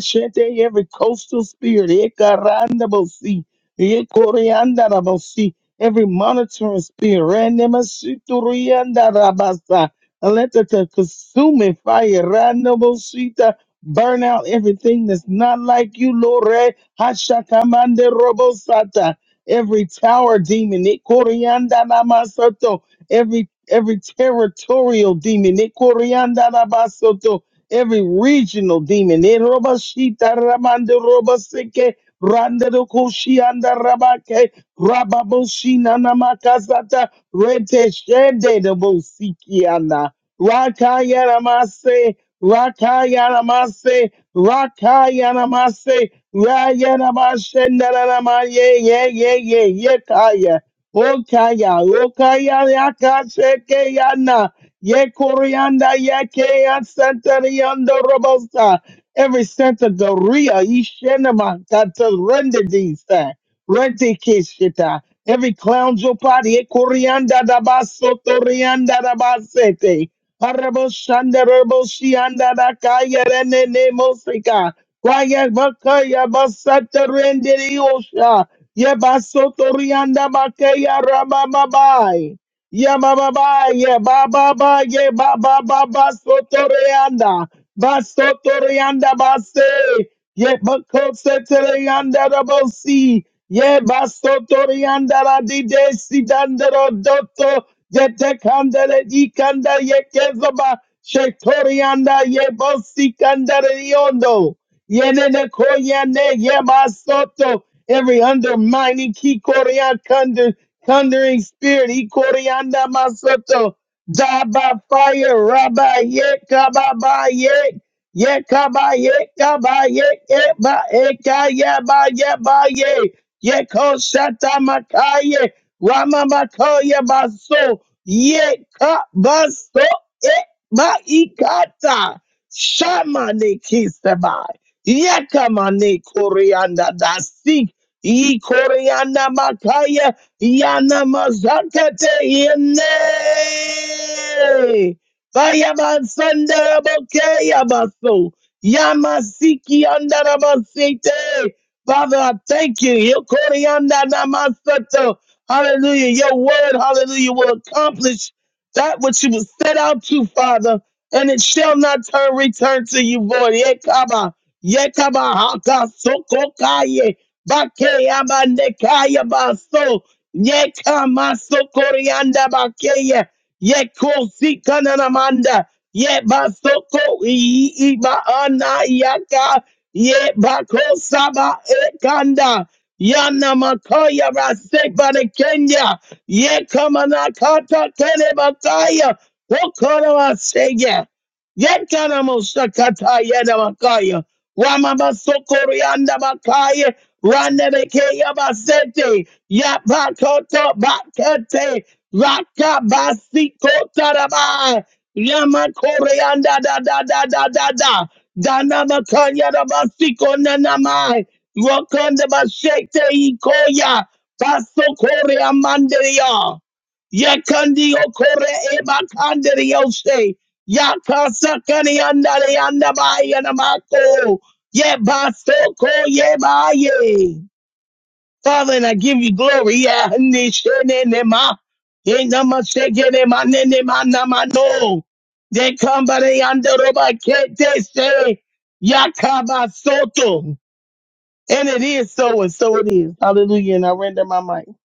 shete every coastal spirit. Eka randa bo si. Ye ko rianda si every monitoring spirit, Ranema Shiturianda Rabasa, and let the the consuming fire, Ranema Shita, burn out everything that's not like you, Lord. Re- Hashakamande Robosata, every tower demon, it Ikorianda Namasoto, every every territorial demon, it Ikorianda Nabasoto, every regional demon, it Erobashita Ramande Roboseke, Randa do Koshianda Rabake, Rababoshina namakasata rete shende de bosikiana. Rakaya namase, rakaya namase, rakaya namase, raya namashenda namaye, ye, ye, ye, ye, kaya. Okaya, okaya, yakasheke yana. Ye koreanda, yake, asantariando robosa. Every center, Doria, Ishenama, Tata, Rendedisa. Rente keshita. Every clown jopari e da basso torianda da basete. Arabo shanda rabo shianda da kaya rene ne mosika. Kwaya bakaya basata rende osha. Ye basso torianda bakaya rababai. Ye bababai, ye bababa, ye bababa basso torianda. Basso torianda basse. Ye bakose torianda da bosi. Ye basotori andara di de si dandero dotto ye te candele di canda ye kezoba shetori anda ye bosi candere yondo ye ne ne koya ne ye basoto every undermining ki koria cunder thundering spirit he korianda masoto die by fire rabba ye kababa ye ye kaba ye kaba ye ye e ba e ka ye ba ye ba ye Yeko shata makaye. Rama makoye baso. Yeka baso. E maikata. Shama ne kisaba. Yeka mane koreanda dasik. I koreanda makaya. Yana mazakate yene. Bayaman sandarabokeya baso. Yamasiki andarabasite. Father, I thank you. Yokoriandanamasata. Hallelujah. Your word, hallelujah, will accomplish that which you was set out to, Father, and it shall not turn return to you void. Yekaba. Yekaba haka sokokaye. Bakeyabandekaya baso. Yekama sokorianda bakeye. Yekosi kananamanda. Yebasoko iiba ana Ye bakosaba ekanda. Yana makoya rasek bana Kenya. Ye kamana kata kene bakaya. Okora wasege. Ye kana mosakata yena makaya. Wama basokori anda bakaya. Rande bekeya basete. Ya bakoto bakete. Raka basikota rabai. Yama koreanda da da da da da da. Dana Bakanya da Basiko Nanamai. Wakanda Bashekte Ikoya. Baso Korea Mandaria. Yakandi Okore Eba Kandari yakasakani Yakasa Kani Andari Andabai Anamako. Ye Basoko Ye Baye. Father, and I give you glory. Yeah, nishenenema, yenamasekenema, nenema, namano. They come by the andoroba, can't they say, Yakaba Soto. And it is so, and so it is. Hallelujah. And I render my mic.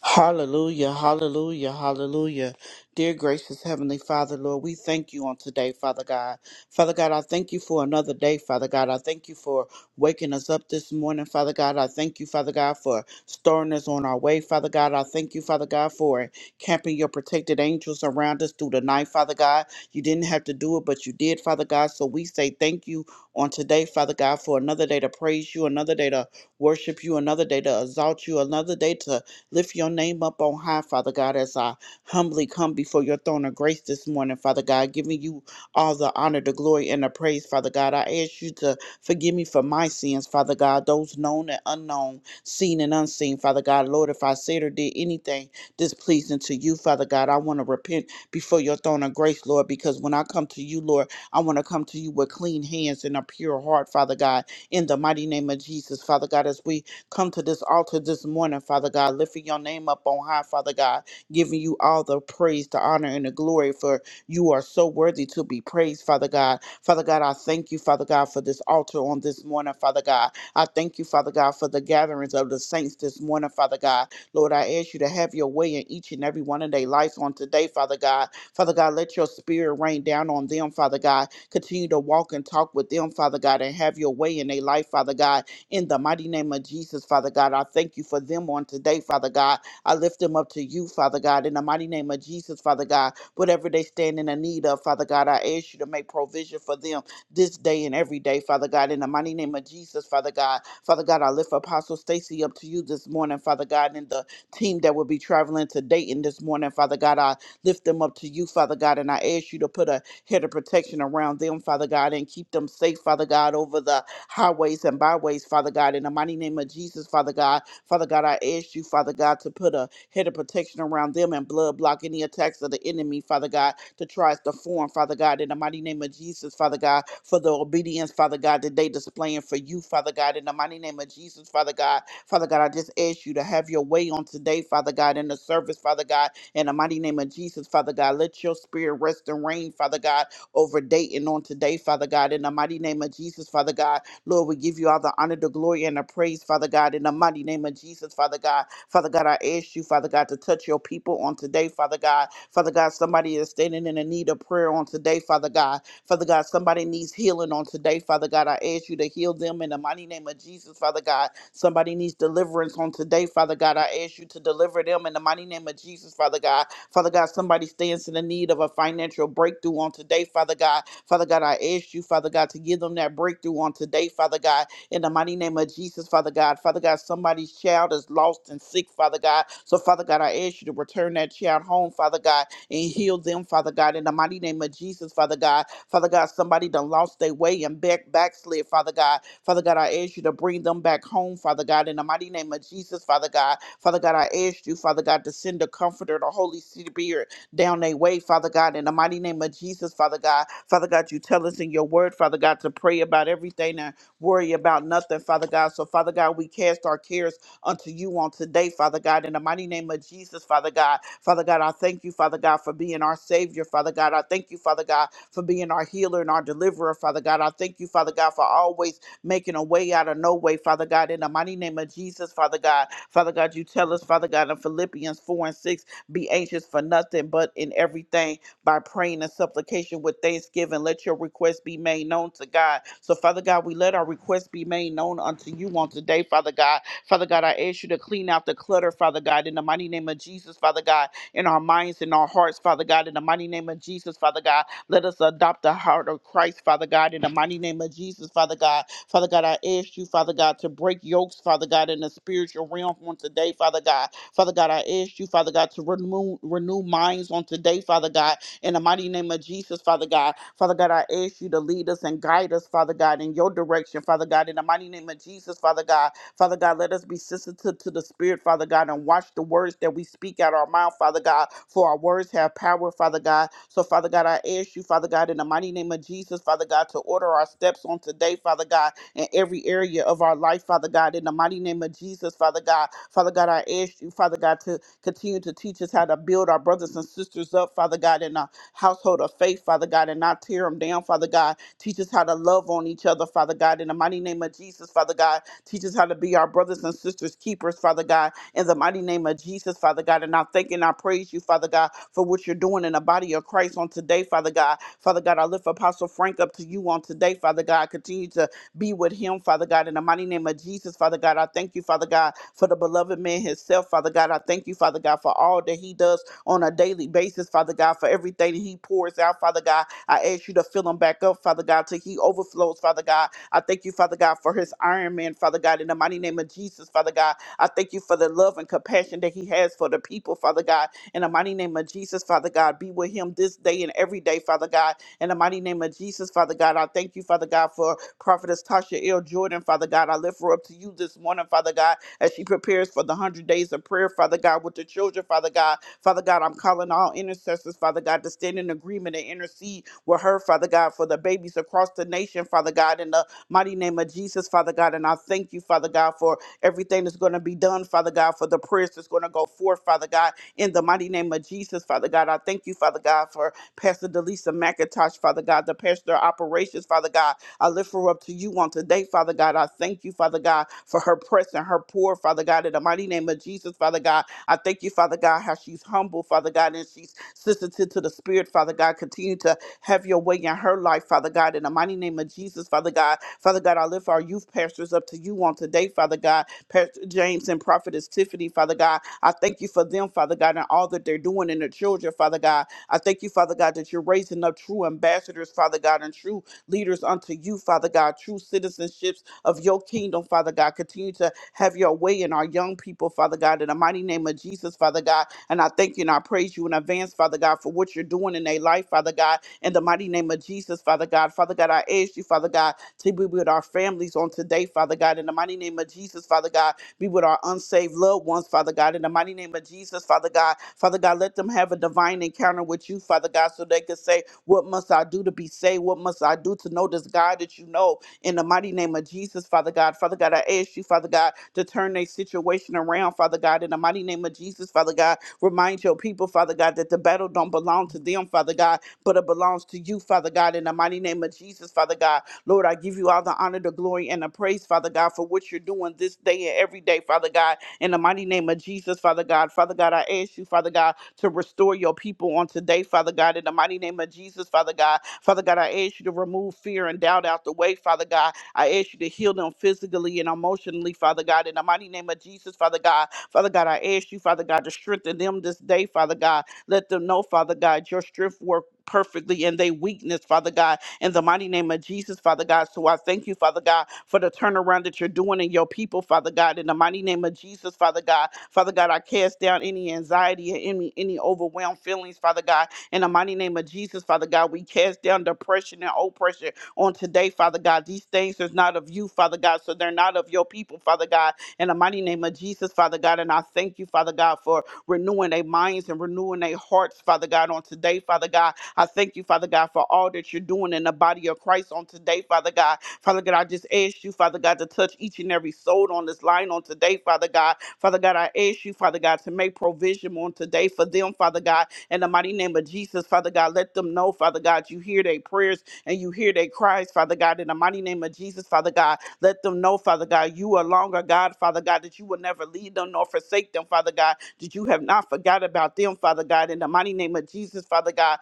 Hallelujah, hallelujah, hallelujah. Dear gracious Heavenly Father, Lord, we thank you on today, Father God. Father God, I thank you for another day, Father God. I thank you for waking us up this morning, Father God. I thank you, Father God, for starting us on our way, Father God. I thank you, Father God, for camping your protected angels around us through the night, Father God. You didn't have to do it, but you did, Father God. So we say thank you on today, Father God, for another day to praise you, another day to worship you, another day to exalt you, another day to Lift your name up on high, Father God, as I humbly come before your throne of grace this morning, Father God, giving you all the honor, the glory, and the praise, Father God. I ask you to forgive me for my sins, Father God, those known and unknown, seen and unseen, Father God. Lord, if I said or did anything displeasing to you, Father God, I want to repent before your throne of grace, Lord, because when I come to you, Lord, I want to come to you with clean hands and a pure heart, Father God, in the mighty name of Jesus, Father God, as we come to this altar this morning, Father God, lifting your name up on high, Father God, giving you all the praise, the honor, and the glory, for you are so worthy to be praised, Father God. Father God, I thank you, Father God, for this altar on this morning, Father God. I thank you, Father God, for the gatherings of the saints this morning, Father God. Lord, I ask you to have your way in each and every one of their lives on today, Father God. Father God, let your spirit rain down on them, Father God. Continue to walk and talk with them, Father God, and have your way in their life, Father God in the mighty name of Jesus, Father God. I thank you for them on today, Father God. I lift them up to you, Father God, in the mighty name of Jesus, Father God. Whatever they stand in the need of, Father God, I ask you to make provision for them this day and every day, Father God, in the mighty name of Jesus, Father God. Father God, I lift Apostle Stacy up to you this morning, Father God, and the team that will be traveling to Dayton this morning, Father God. I lift them up to you, Father God, and I ask you to put a head of protection around them, Father God, and keep them safe, Father God, over the highways and byways, Father God. In the mighty name of Jesus, Father God, Father God, I ask you, Father God, to put a head of protection around them and blood block any attacks of the enemy, Father God, to try to form, Father God, in the mighty name of Jesus, Father God, for the obedience, Father God, that they displaying for you, Father God, in the mighty name of Jesus, Father God. Father God, I just ask you to have your way on today, Father God, in the service, Father God, in the mighty name of Jesus, Father God. Let your spirit rest and reign, Father God, over Dayton on today, Father God, in the mighty name of Jesus, Father God. Lord, we give you all the honor, the glory, and the praise, Father God, in the mighty name of Jesus, Father God. Father God, I ask you, Father God, to touch your people on today, Father God. Father God, somebody is standing in the need of prayer on today, Father God. Father God, somebody needs healing on today, Father God. I ask you to heal them in the mighty name of Jesus, Father God. Somebody needs deliverance on today, Father God. I ask you to deliver them in the mighty name of Jesus, Father God. Father God, somebody stands in the need of a financial breakthrough on today, Father God. Father God, I ask you, Father God, to give them that breakthrough on today, Father God, in the mighty name of Jesus, Father God. Father God, somebody's child is lost and sick, Father God. So, Father God, I ask you to return that child home, Father God, and heal them, Father God, in the mighty name of Jesus, Father God. Father God, somebody done lost their way and back backslid, Father God. Father God, I ask you to bring them back home, Father God, in the mighty name of Jesus, Father God. Father God, I ask you, Father God, to send the comforter, the Holy Spirit, down their way, Father God, in the mighty name of Jesus, Father God. Father God, you tell us in your word, Father God, to pray about everything and worry about nothing, Father God. So, Father God, we cast our cares unto you on today, Father God, in the mighty name of Jesus, Father God. Father God, I thank you, Father God, for being our Savior, Father God. I thank you, Father God, for being our healer and our deliverer, Father God. I thank you, Father God, for always making a way out of no way, Father God, in the mighty name of Jesus, Father God. Father God, you tell us, Father God, in Philippians 4 and 6 be anxious for nothing, but in everything by praying and supplication with thanksgiving. Let your requests be made known to God. So, Father God, we let our requests be made known unto you on today, Father God. Father God, I ask you to clean out the clutter, Father God, in the mighty name of Jesus, Father God, in our minds, in our hearts, Father God, in the mighty name of Jesus, Father God. Let us adopt the heart of Christ, Father God, in the mighty name of Jesus, Father God. Father God, I ask you, Father God, to break yokes, Father God, in the spiritual realm on today, Father God. Father God, I ask you, Father God, to renew, renew minds on today, Father God, in the mighty name of Jesus, Father God. Father God, I ask you to lead us and guide us, Father God, in your direction, Father God, in the mighty name of Jesus, Father God. Father God, let us be sensitive to the Spirit, Father God, and watch the words that we speak out our mouth, Father God, for our words have power, Father God. So, Father God, I ask you, Father God, in the mighty name of Jesus, Father God, to order our steps on today, Father God, in every area of our life, Father God. In the mighty name of Jesus, Father God. Father God, I ask you, Father God, to continue to teach us how to build our brothers and sisters up, Father God, in a household of faith, Father God, and not tear them down, Father God. Teach us how to love on each other, Father God. In the mighty name of Jesus, Father God. Teach us how to be our brothers and sisters keepers, Father God. In the mighty name of Jesus, Father God. And I thank and I praise you, Father God, for what you're doing in the body of Christ on today, Father God. Father God, I lift Apostle Frank up to you on today, Father God. Continue to be with him, Father God. In the mighty name of Jesus, Father God, I thank you, Father God, for the beloved man himself, Father God. I thank you, Father God, for all that he does on a daily basis, Father God, for everything that he pours out, Father God. I ask you to fill him back up, Father God, till he overflows, Father God. I thank you, Father God, for his Iron Man, Father God. In the mighty name of Jesus, Father God, I thank you for the love and compassion that he has for the people, Father God. In the mighty name of Jesus, Father God, be with him this day and every day, Father God. In the mighty name of Jesus, Father God, I thank you, Father God, for Prophetess Tasha L. Jordan, Father God, I lift her up to you this morning, Father God, as she prepares for the 100 days of prayer, Father God, with the children, Father God. Father God, I'm calling all intercessors, Father God, to stand in agreement and intercede with her, Father God, for the babies across the nation, Father God, in the mighty name of Jesus, Father God. And I thank you, Father God, for everything that's going to be done, Father God, for the prayers that's going to go forth, Father God, in the mighty name of Jesus, Father God. I thank you, Father God, for Pastor Delisa McIntosh, Father God, the pastor of operations, Father God. I lift her up to you on today, Father God. I thank you, Father God, for her press and her pour, Father God, in the mighty name of Jesus, Father God. I thank you, Father God, how she's humble, Father God, and she's sensitive to the Spirit, Father God. Continue to have your way in her life, Father God, in the mighty name of Jesus, Father God. Father God, I lift our youth pastors up to you on today, Father God. Pastor James and Prophetess Tiffany, Father God. I thank you for them, Father God, and all that they're doing in their children, Father God. I thank you, Father God, that you're raising up true ambassadors, Father God, and true leaders unto you, Father God, true citizenships of your kingdom, Father God. Continue to have your way in our young people, Father God, in the mighty name of Jesus, Father God. And I thank you and I praise you in advance, Father God, for what you're doing in their life, Father God, in the mighty name of Jesus, Father God. Father God, I ask you, Father God, to be with our families on today, Father God, in the mighty name of Jesus, Father God. Be with our unsaved loved ones, Father God, in the mighty name of Jesus, Father God. Father God, let them have a divine encounter with you, Father God, so they can say, What must I do to be saved? What must I do to know this God that you know? in the mighty name of Jesus, Father God. Father God, I ask you, Father God, to turn their situation around, Father God, in the mighty name of Jesus, Father God. Remind your people, Father God, that the battle don't belong to them, Father God, but it belongs to you, Father God, in the mighty name of Jesus, Father God. Lord, I give you all the honor, the glory, and the praise, Father God, for what you're doing this day and every day, Father God. In the mighty name of Jesus, Father God. Father God, I ask you, Father God, to restore your people on today, Father God. In the mighty name of Jesus, Father God. Father God, I ask you to remove fear and doubt out the way, Father God. I ask you to heal them physically and emotionally, Father God. In the mighty name of Jesus, Father God. Father God, I ask you, Father God, to strengthen them this day, Father God. Let them know, Father God, your strength work perfectly in their weakness, Father God in the mighty name of Jesus, Father God. So I thank you, Father God, for the turnaround that you're doing in your people, Father God. In the mighty name of Jesus, Father God. Father God, I cast down any anxiety and any, any overwhelmed feelings, Father God. In the mighty name of Jesus, Father God, we cast down depression and oppression on today, Father God. These things is not of you, Father God, so they're not of your people, Father God. In the mighty name of Jesus, Father God, and I thank you, Father God, for renewing their minds and renewing their hearts, Father God, on today, Father God I thank you, Father God, for all that you're doing in the body of Christ on today, Father God. Father God, I just ask you, Father God, to touch each and every soul on this line on today, Father God. Father God, I ask you, Father God, to make provision on today for them, Father God, in the mighty name of Jesus, Father God. Let them know, Father God, you hear their prayers and you hear their cries, Father God, in the mighty name of Jesus, Father God. Let them know, Father God, you are longer, God, Father God, that you will never leave them nor forsake them, Father God, that you have not forgot about them, Father God, in the mighty name of Jesus, Father God.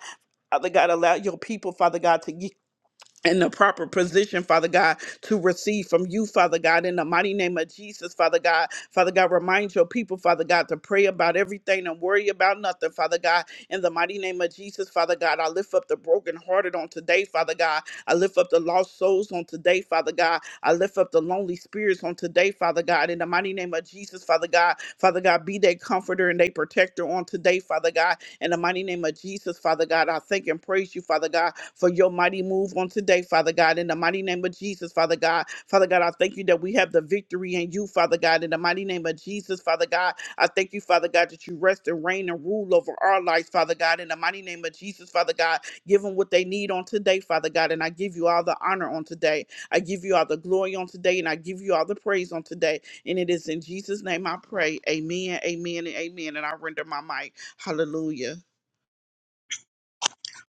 Father God, allow your people, Father God, to yield in the proper position, Father God, to receive from you, Father God, in the mighty name of Jesus, Father God. Father God, remind your people, Father God, to pray about everything and worry about nothing, Father God. In the mighty name of Jesus, Father God, I lift up the brokenhearted on today, Father God. I lift up the lost souls on today, Father God. I lift up the lonely spirits on today, Father God. In the mighty name of Jesus, Father God. Father God, be their comforter and their protector on today, Father God. In the mighty name of Jesus, Father God, I thank and praise you, Father God, for your mighty move on today, Father God. In the mighty name of Jesus, Father God. Father God, I thank you that we have the victory in you, Father God. In the mighty name of Jesus, Father God. I thank you, Father God, that you rest and reign and rule over our lives, Father God. In the mighty name of Jesus, Father God. Give them what they need on today, Father God. And I give you all the honor on today. I give you all the glory on today. And I give you all the praise on today. And it is in Jesus' name I pray. Amen, amen, and amen. And I render my mic. Hallelujah.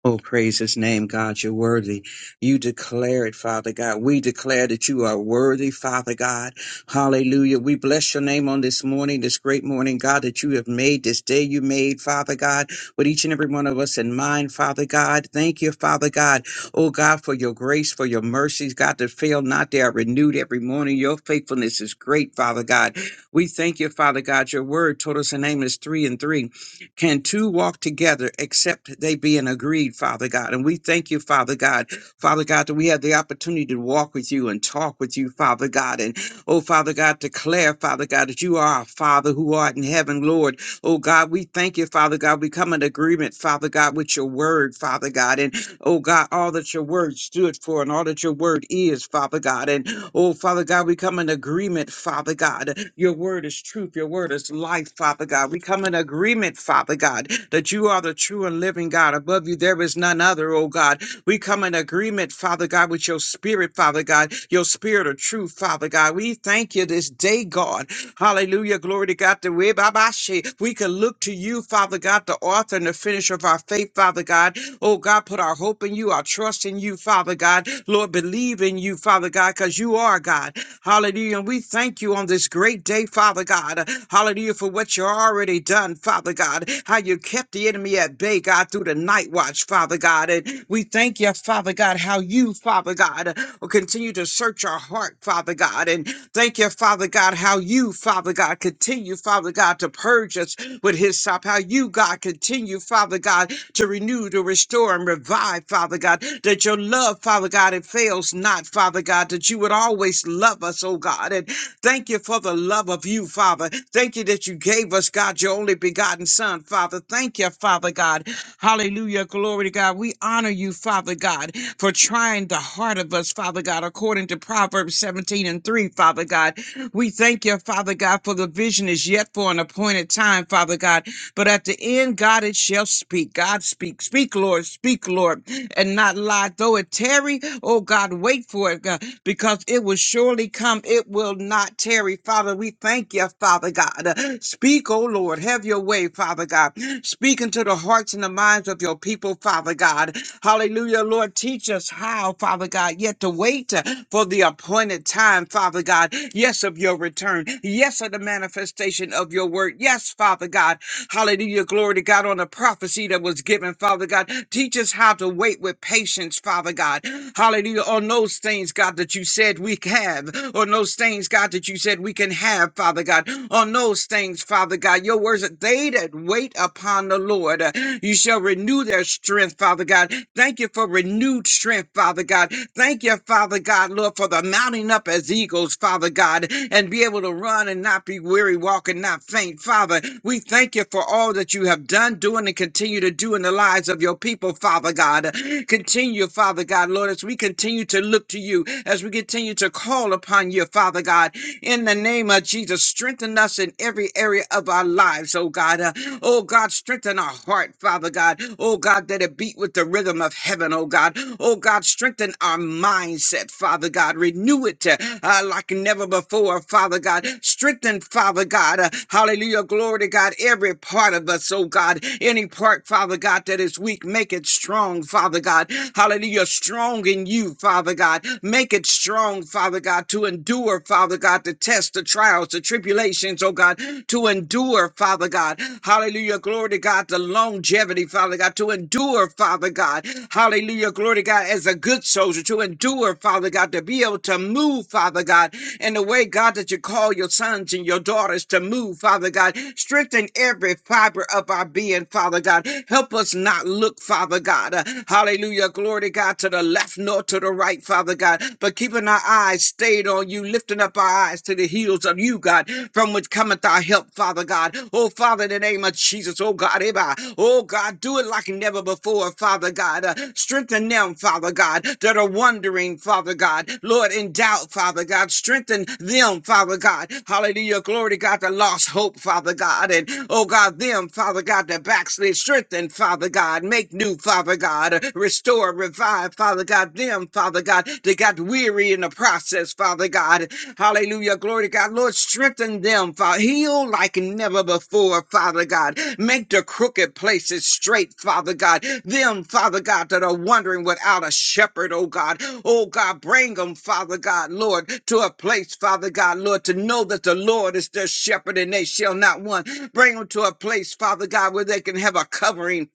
Oh, praise his name, God. You're worthy. You declare it, Father God. We declare that you are worthy, Father God. Hallelujah. We bless your name on this morning, this great morning, God, that you have made this day you made, Father God, with each and every one of us in mind, Father God. Thank you, Father God. Oh, God, for your grace, for your mercies, God, that fail not. They are renewed every morning. Your faithfulness is great, Father God. We thank you, Father God. Your word told us the name is three and three can two walk together except they be in agreed, Father God? And we thank you, Father God, Father God, that we have the opportunity to walk with you and talk with you, Father God. And oh, Father God, declare, Father God, that you are our Father who art in heaven, Lord. Oh, God, we thank you, Father God. We come in agreement, Father God, with your word, Father God. And oh God, all that your word stood for and all that your word is, Father God. And oh, Father God, we come in agreement, Father God. Your word is truth, your word is life, Father God. We come in agreement, Father God, that you are the true and living God. Above you, there is none other, oh God. We come in agreement, Father God, with your spirit, Father God, your spirit of truth, Father God. We thank you this day, God. Hallelujah. Glory to God. The way Baba she- We can look to you, Father God, the author and the finisher of our faith, Father God. Oh God, put our hope in you, our trust in you, Father God. Lord, believe in you, Father God, because you are God. Hallelujah. And we thank you on this great day, Father God. Hallelujah for what you already done, Father God. How you kept the enemy at bay, God, through the night watch, Father God. And we thank you, Father God, how you, Father God, will continue to search our heart, Father God. And Thank you, Father God, how you, Father God, continue, Father God, to purge us with his stop. How you, God, continue, Father God, to renew, to restore, and revive, Father God. That your love, Father God, it fails not, Father God, that you would always love us, oh God. And thank you for the love of you, Father. Thank you that you gave us, God, your only begotten Son, Father. Thank you, Father God. Hallelujah. Glory to God. We honor you, Father God, for trying the heart of us, Father God, according to Proverbs 17 and 3, Father God. We thank you, Father God, for the vision is yet for an appointed time, Father God. But at the end, God, it shall speak. God, speak. Speak, Lord. Speak, Lord. And not lie. Though it tarry, oh God, wait for it, God, because it will surely come. It will not tarry. Father, we thank you, Father God. Uh, Speak, oh Lord. Have your way, Father God. Speak into the hearts and the minds of your people, Father God. Hallelujah, Lord. Teach us how, Father God, yet to wait uh, for the appointed time, Father God. Yes, of your return. Yes, of the manifestation of your word. Yes, Father God. Hallelujah. Glory to God on the prophecy that was given, Father God. Teach us how to wait with patience, Father God. Hallelujah. On those things, God, that you said we have. On those things, God, that you said we can have, Father God. On those things, Father God. Your words, that they that wait upon the Lord, uh, you shall renew their strength, Father God. Thank you for renewing renewed strength, Father God. Thank you, Father God, Lord, for the mounting up as eagles, Father God, and be able to run and not be weary, walk and not faint, Father. We thank you for all that you have done, doing, and continue to do in the lives of your people, Father God. Continue, Father God, Lord, as we continue to look to you, as we continue to call upon you, Father God, in the name of Jesus. Strengthen us in every area of our lives, oh God. Uh, oh God, strengthen our heart, Father God. Oh God, that it beat with the rhythm of heaven, oh God. Oh God, strengthen our mindset, Father God. Renew it uh, uh, like never before, Father God. Strengthen, Father God. uh, hallelujah. Glory to God. Every part of us, oh God. Any part, Father God, that is weak, make it strong, Father God. Hallelujah. Strong in you, Father God. Make Make it strong, Father God, to endure, Father God, the tests, the trials, the tribulations, oh God, to endure, Father God. Hallelujah. Glory to God, the longevity, Father God, to endure, Father God. Hallelujah. Glory to God, as a good soldier, to endure, Father God, to be able to move, Father God, in the way, God, that you call your sons and your daughters to move, Father God. Strengthen every fiber of our being, Father God. Help us not look, Father God. uh, Hallelujah hallelujah, glory to God, to the left nor to the right, Father God, but keeping our eyes stayed on you, lifting up our eyes to the heels of you, God, from which cometh our help, Father God. Oh, Father, in the name of Jesus, oh God, Eba, oh God, do it like never before, Father God. Uh, strengthen them, Father God, that are wondering, Father God, Lord, in doubt, Father God. Strengthen them, Father God. Hallelujah, glory to God, that lost hope, Father God, and oh God, them, Father God, that backslid. Strengthen, Father God. Make new, Father God. Restore, revive, Father God. Them, Father God, that got weary in the process, Father God. Hallelujah. Glory to God. Lord, strengthen them, Father. Heal like never before, Father God. Make the crooked places straight, Father God. Them, Father God, that are wandering without a shepherd, oh God. Oh God, bring them, Father God, Lord, to a place, Father God, Lord, to know that the Lord is their shepherd and they shall not want. Bring them to a place, Father God, where they can have a covering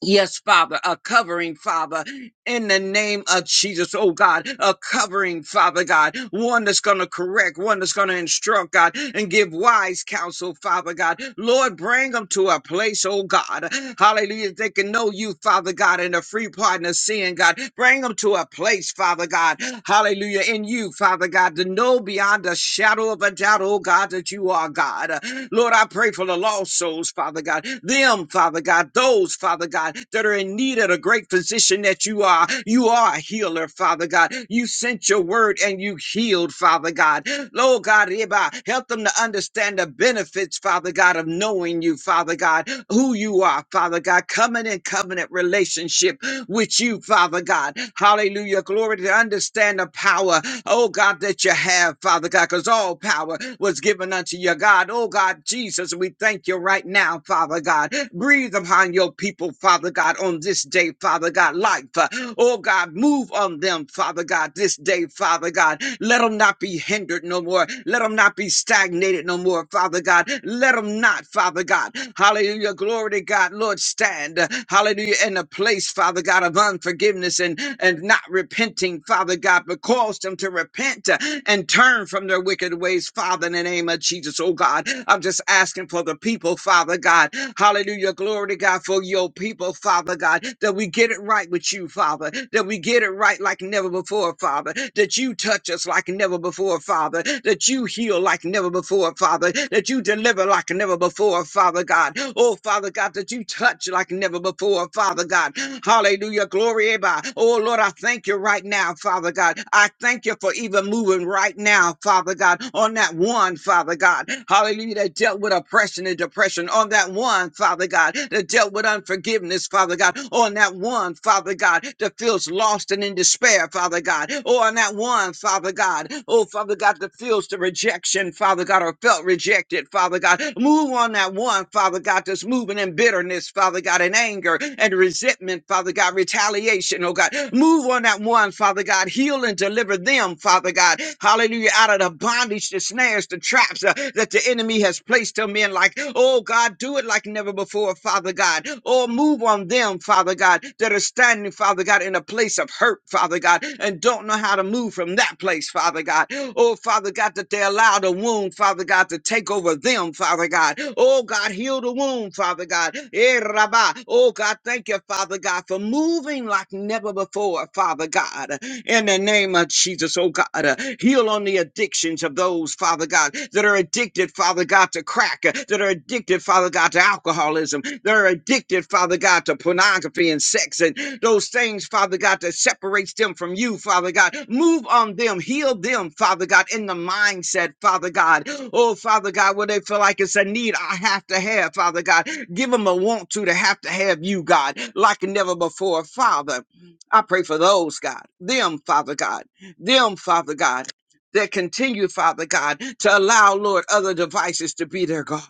Yes, Father, a covering, Father, in the name of Jesus, oh God, a covering, Father God, one that's going to correct, one that's going to instruct, God, and give wise counsel, Father God. Lord, bring them to a place, oh God, hallelujah, they can know you, Father God, and the free pardon of sin, God. Bring them to a place, Father God, hallelujah, in you, Father God, to know beyond a shadow of a doubt, oh God, that you are God. Lord, I pray for the lost souls, Father God, them, Father God, those, Father. Father God, that are in need of the great physician that you are. You are a healer, Father God. You sent your word and you healed, Father God. Lord God, hereby help them to understand the benefits, Father God, of knowing you, Father God, who you are, Father God, coming in covenant relationship with you, Father God. Hallelujah. Glory to understand the power, oh God, that you have, Father God, because all power was given unto you, God. Oh God, Jesus, we thank you right now, Father God. Breathe upon your people, Father God, on this day, Father God. Life, uh, oh God, move on them, Father God, this day, Father God. Let them not be hindered no more. Let them not be stagnated no more, Father God. Let them not, Father God. Hallelujah. Glory to God. Lord, stand. uh, Hallelujah. In a place, Father God, of unforgiveness and, and not repenting, Father God, but cause them to repent uh, and turn from their wicked ways, Father, in the name name of Jesus, oh God. I'm just asking for the people, Father God. Hallelujah. Glory to God for your people, Father God, that we get it right with you, Father, that we get it right like never before, Father, that you touch us like never before, Father, that you heal like never before, Father, that you deliver like never before, Father God. Oh, Father God, that you touch like never before, Father God. Hallelujah. Glory. Abba. Oh, Lord, I thank you right now, Father God. I thank you for even Father, moving right now, Father God, on that one, Father God. Hallelujah, that dealt with oppression and depression. On that one, Father God, that dealt with unforgiveness, Father God. On that one, Father God, that feels lost and in despair, Father God. Or on that one, Father God, oh, Father God, that feels the rejection, Father God, or felt rejected, Father God. Move on that one, Father God, that's moving in bitterness, Father God, in anger and resentment, Father God, retaliation, oh God. Move on one that one, Father God. Heal and deliver them, Father God. Hallelujah. Out of the bondage, the snares, the traps uh, that the enemy has placed them in. Like, oh God, do it like never before, Father God. Oh, move on them, Father God, that are standing, Father God, in a place of hurt, Father God, and don't know how to move from that place, Father God. Oh, Father God, that they allow the wound, Father God, to take over them, Father God. Oh, God, heal the wound, Father God. Eh, Rabbah. Oh, God, thank you, Father God, for moving like never before, Father God. In the name of Jesus, oh God, uh, heal on the addictions of those, Father God, that are addicted, Father God, to crack, uh, that are addicted, Father God, to alcoholism, that are addicted, Father God, to pornography and sex and those things, Father God, that separates them from you, Father God. Move on them, heal them, Father God, in the mindset, Father God. Oh, Father God, where they feel like it's a need I have to have, Father God. Give them a want to to have to have you, God, like never before. Father, I pray for those, God, them, Father God, them, Father God, that continue, Father God, to allow, Lord, other devices to be their God.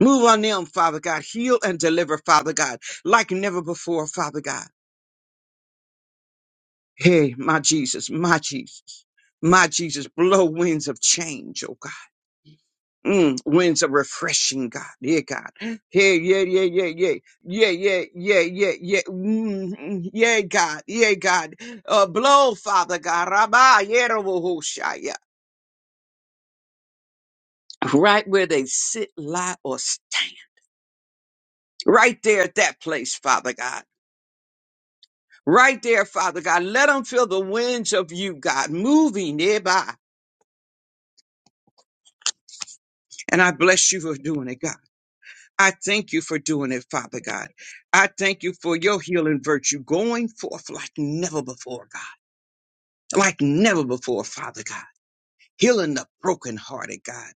Move on them, Father God. Heal and deliver, Father God, like never before, Father God. Hey, my Jesus, my Jesus, my Jesus, blow winds of change, oh God Mm, winds of refreshing, God. Yeah, God. Yeah, yeah, yeah, yeah, yeah. Yeah, yeah, yeah, yeah, yeah. Mm, mm, yeah, God. Yeah, God. Uh, blow, Father God. Rabba, yerobohoshaya. Right where they sit, lie, or stand. Right there at that place, Father God. Right there, Father God. Let them feel the winds of you, God, moving nearby. And I bless you for doing it, God. I thank you for doing it, Father God. I thank you for your healing virtue going forth like never before, God. Like never before, Father God. Healing the brokenhearted, God.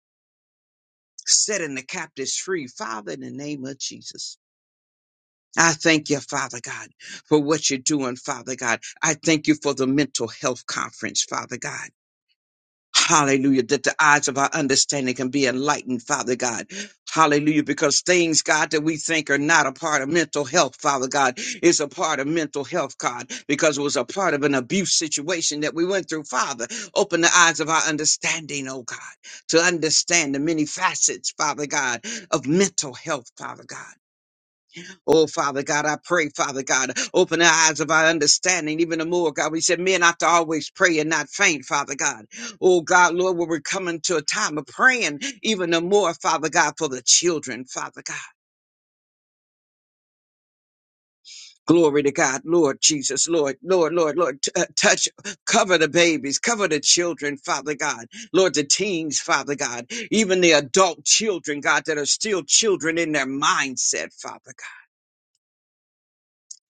Setting the captives free, Father, in the name of Jesus. I thank you, Father God, for what you're doing, Father God. I thank you for the mental health conference, Father God. Hallelujah. That the eyes of our understanding can be enlightened, Father God. Hallelujah. Because things, God, that we think are not a part of mental health, Father God, is a part of mental health, God, because it was a part of an abuse situation that we went through, Father. Open the eyes of our understanding, oh God, to understand the many facets, Father God, of mental health, Father God. Oh, Father God, I pray, Father God, open the eyes of our understanding even the more, God. We said men ought to always pray and not faint, Father God. Oh, God, Lord, when we're coming to a time of praying even the more, Father God, for the children, Father God. Glory to God, Lord Jesus, Lord, Lord, Lord, Lord, t- uh, touch, cover the babies, cover the children, Father God, Lord, the teens, Father God, even the adult children, God, that are still children in their mindset, Father God.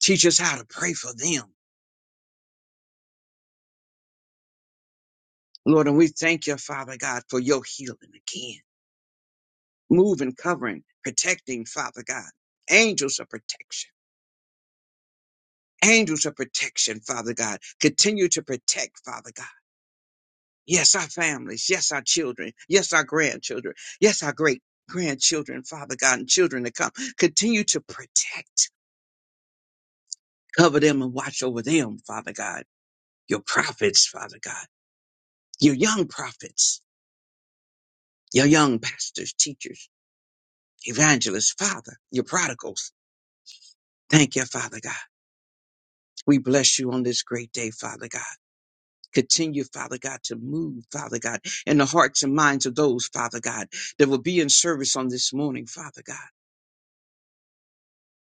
Teach us how to pray for them. Lord, and we thank you, Father God, for your healing again. Moving, covering, protecting, Father God. Angels of protection. Angels of protection, Father God. Continue to protect, Father God. Yes, our families. Yes, our children. Yes, our grandchildren. Yes, our great grandchildren, Father God, and children to come. Continue to protect, cover them and watch over them, Father God. Your prophets, Father God. Your young prophets. Your young pastors, teachers, evangelists, Father. Your prodigals Thank you, Father God. We bless you on this great day, Father God. Continue, Father God, to move, Father God, in the hearts and minds of those, Father God, that will be in service on this morning, Father God.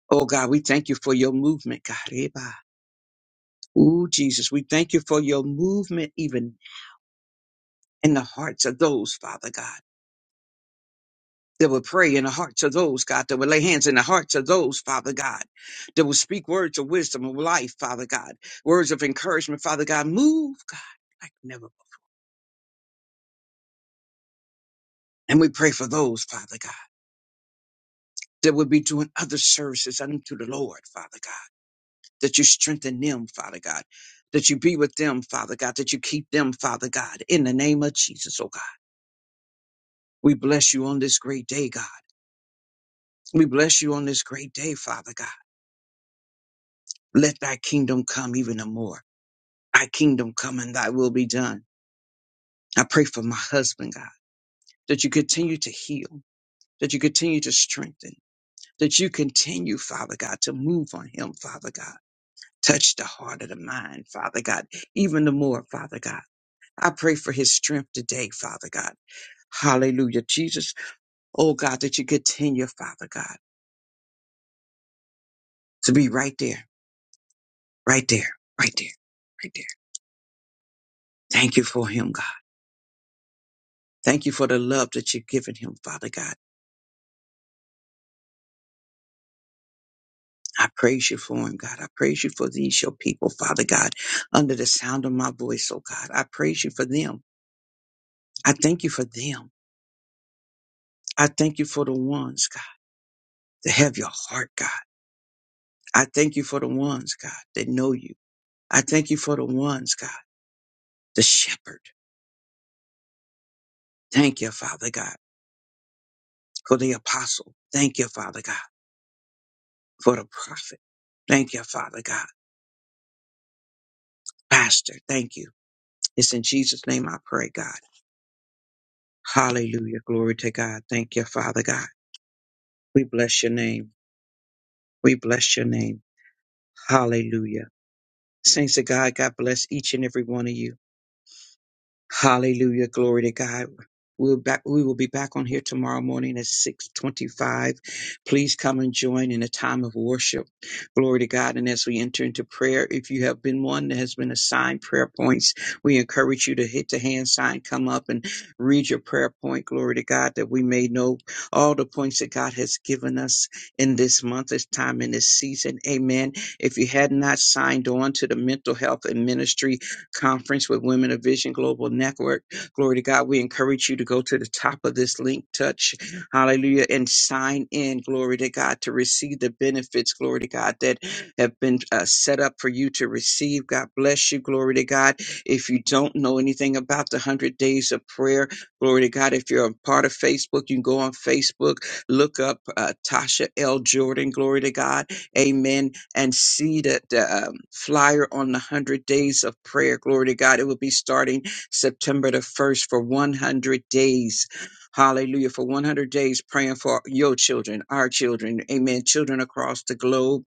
Oh God, we thank you for your movement, God. Eba. Ooh, Jesus, we thank you for your movement even in the hearts of those, Father God, that will pray in the hearts of those, God, that will lay hands in the hearts of those, Father God, that will speak words of wisdom of life, Father God, words of encouragement, Father God. Move, God. like never. And we pray for those, Father God, that would be doing other services unto the Lord, Father God, that you strengthen them, Father God, that you be with them, Father God, that you keep them, Father God, in the name of Jesus, oh God. We bless you on this great day, God. We bless you on this great day, Father God. Let thy kingdom come even the more. Thy kingdom come and thy will be done. I pray for my husband, God, that you continue to heal, that you continue to strengthen, that you continue, Father God, to move on him, Father God Touch the heart of the mind, Father God, even the more, Father God. I pray for his strength today, Father God. Hallelujah, Jesus. Oh God, that you continue, Father God, to be right there, right there, right there, right there. Thank you for him, God. Thank you for the love that you've given him, Father God. I praise you for him, God. I praise you for these, your people, Father God, under the sound of my voice, oh God. I praise you for them. I thank you for them. I thank you for the ones, God, that have your heart, God. I thank you for the ones, God, that know you. I thank you for the ones, God, the shepherd. Thank you, Father God, for the apostle. Thank you, Father God, for the prophet. Thank you, Father God, pastor. Thank you. It's in Jesus' name I pray, God. Hallelujah. Glory to God. Thank you, Father God. We bless your name. We bless your name. Hallelujah. Saints of God, God bless each and every one of you. Hallelujah. Glory to God. We'll back, we will be back on here tomorrow morning at 625. Please come and join in a time of worship. Glory to God. And as we enter into prayer, if you have been one that has been assigned prayer points, we encourage you to hit the hand sign, come up and read your prayer point. Glory to God that we may know all the points that God has given us in this month, this time, in this season. Amen. If you had not signed on to the mental health and ministry, conference with Women of Vision Global Network. Glory to God. We encourage you to go to the top of this link, touch, hallelujah, and sign in, glory to God, to receive the benefits, glory to God, that have been uh, set up for you to receive. God bless you, glory to God. If you don't know anything about the 100 days of prayer, glory to God, if you're a part of Facebook, you can go on Facebook, look up uh, Tasha L. Jordan, glory to God amen, and see that the um, flyer on the 100 days of prayer, glory to God, it will be starting September the 1st for 100 days. Hallelujah. For 100 days praying for your children, our children, amen, children across the globe.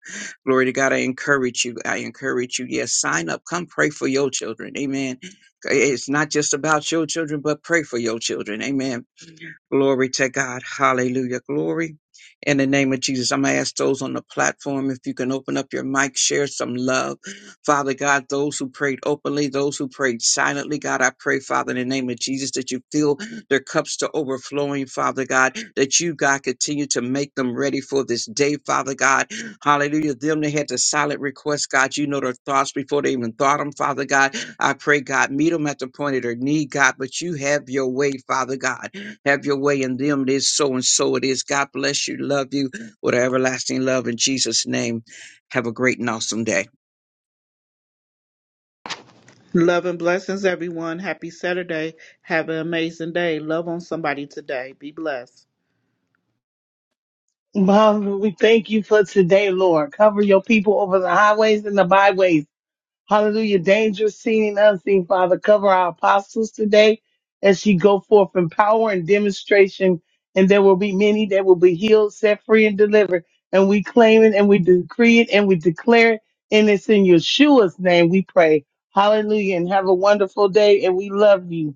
Glory to God. I encourage you. I encourage you. Yes, sign up. Come pray for your children. Amen. It's not just about your children, but pray for your children. Amen Glory to God. Hallelujah. Glory. In the name of Jesus, I'm going to ask those on the platform if you can open up your mic, share some love. Father God, those who prayed openly, those who prayed silently, God, I pray, Father, in the name of Jesus, that you fill their cups to overflowing, Father God, that you, God, continue to make them ready for this day, Father God. Hallelujah. Them that had the silent request, God, you know their thoughts before they even thought them, Father God. I pray, God, meet them at the point of their need, God, but you have your way, Father God. Have your way in them. It is so and so it is. God bless you. Love you with an everlasting love in Jesus' name. Have a great and awesome day.
Love and blessings, everyone. Happy Saturday. Have an amazing day. Love on somebody today. Be blessed.
Father, we thank you for today, Lord. Cover your people over the highways and the byways. Hallelujah. Dangerous, seen and unseen, Father. Cover our apostles today as she go forth in power and demonstration. And there will be many that will be healed, set free, and delivered. And we claim it and we decree it and we declare it. And it's in Yeshua's name we pray. Hallelujah. And have a wonderful day. And we love you.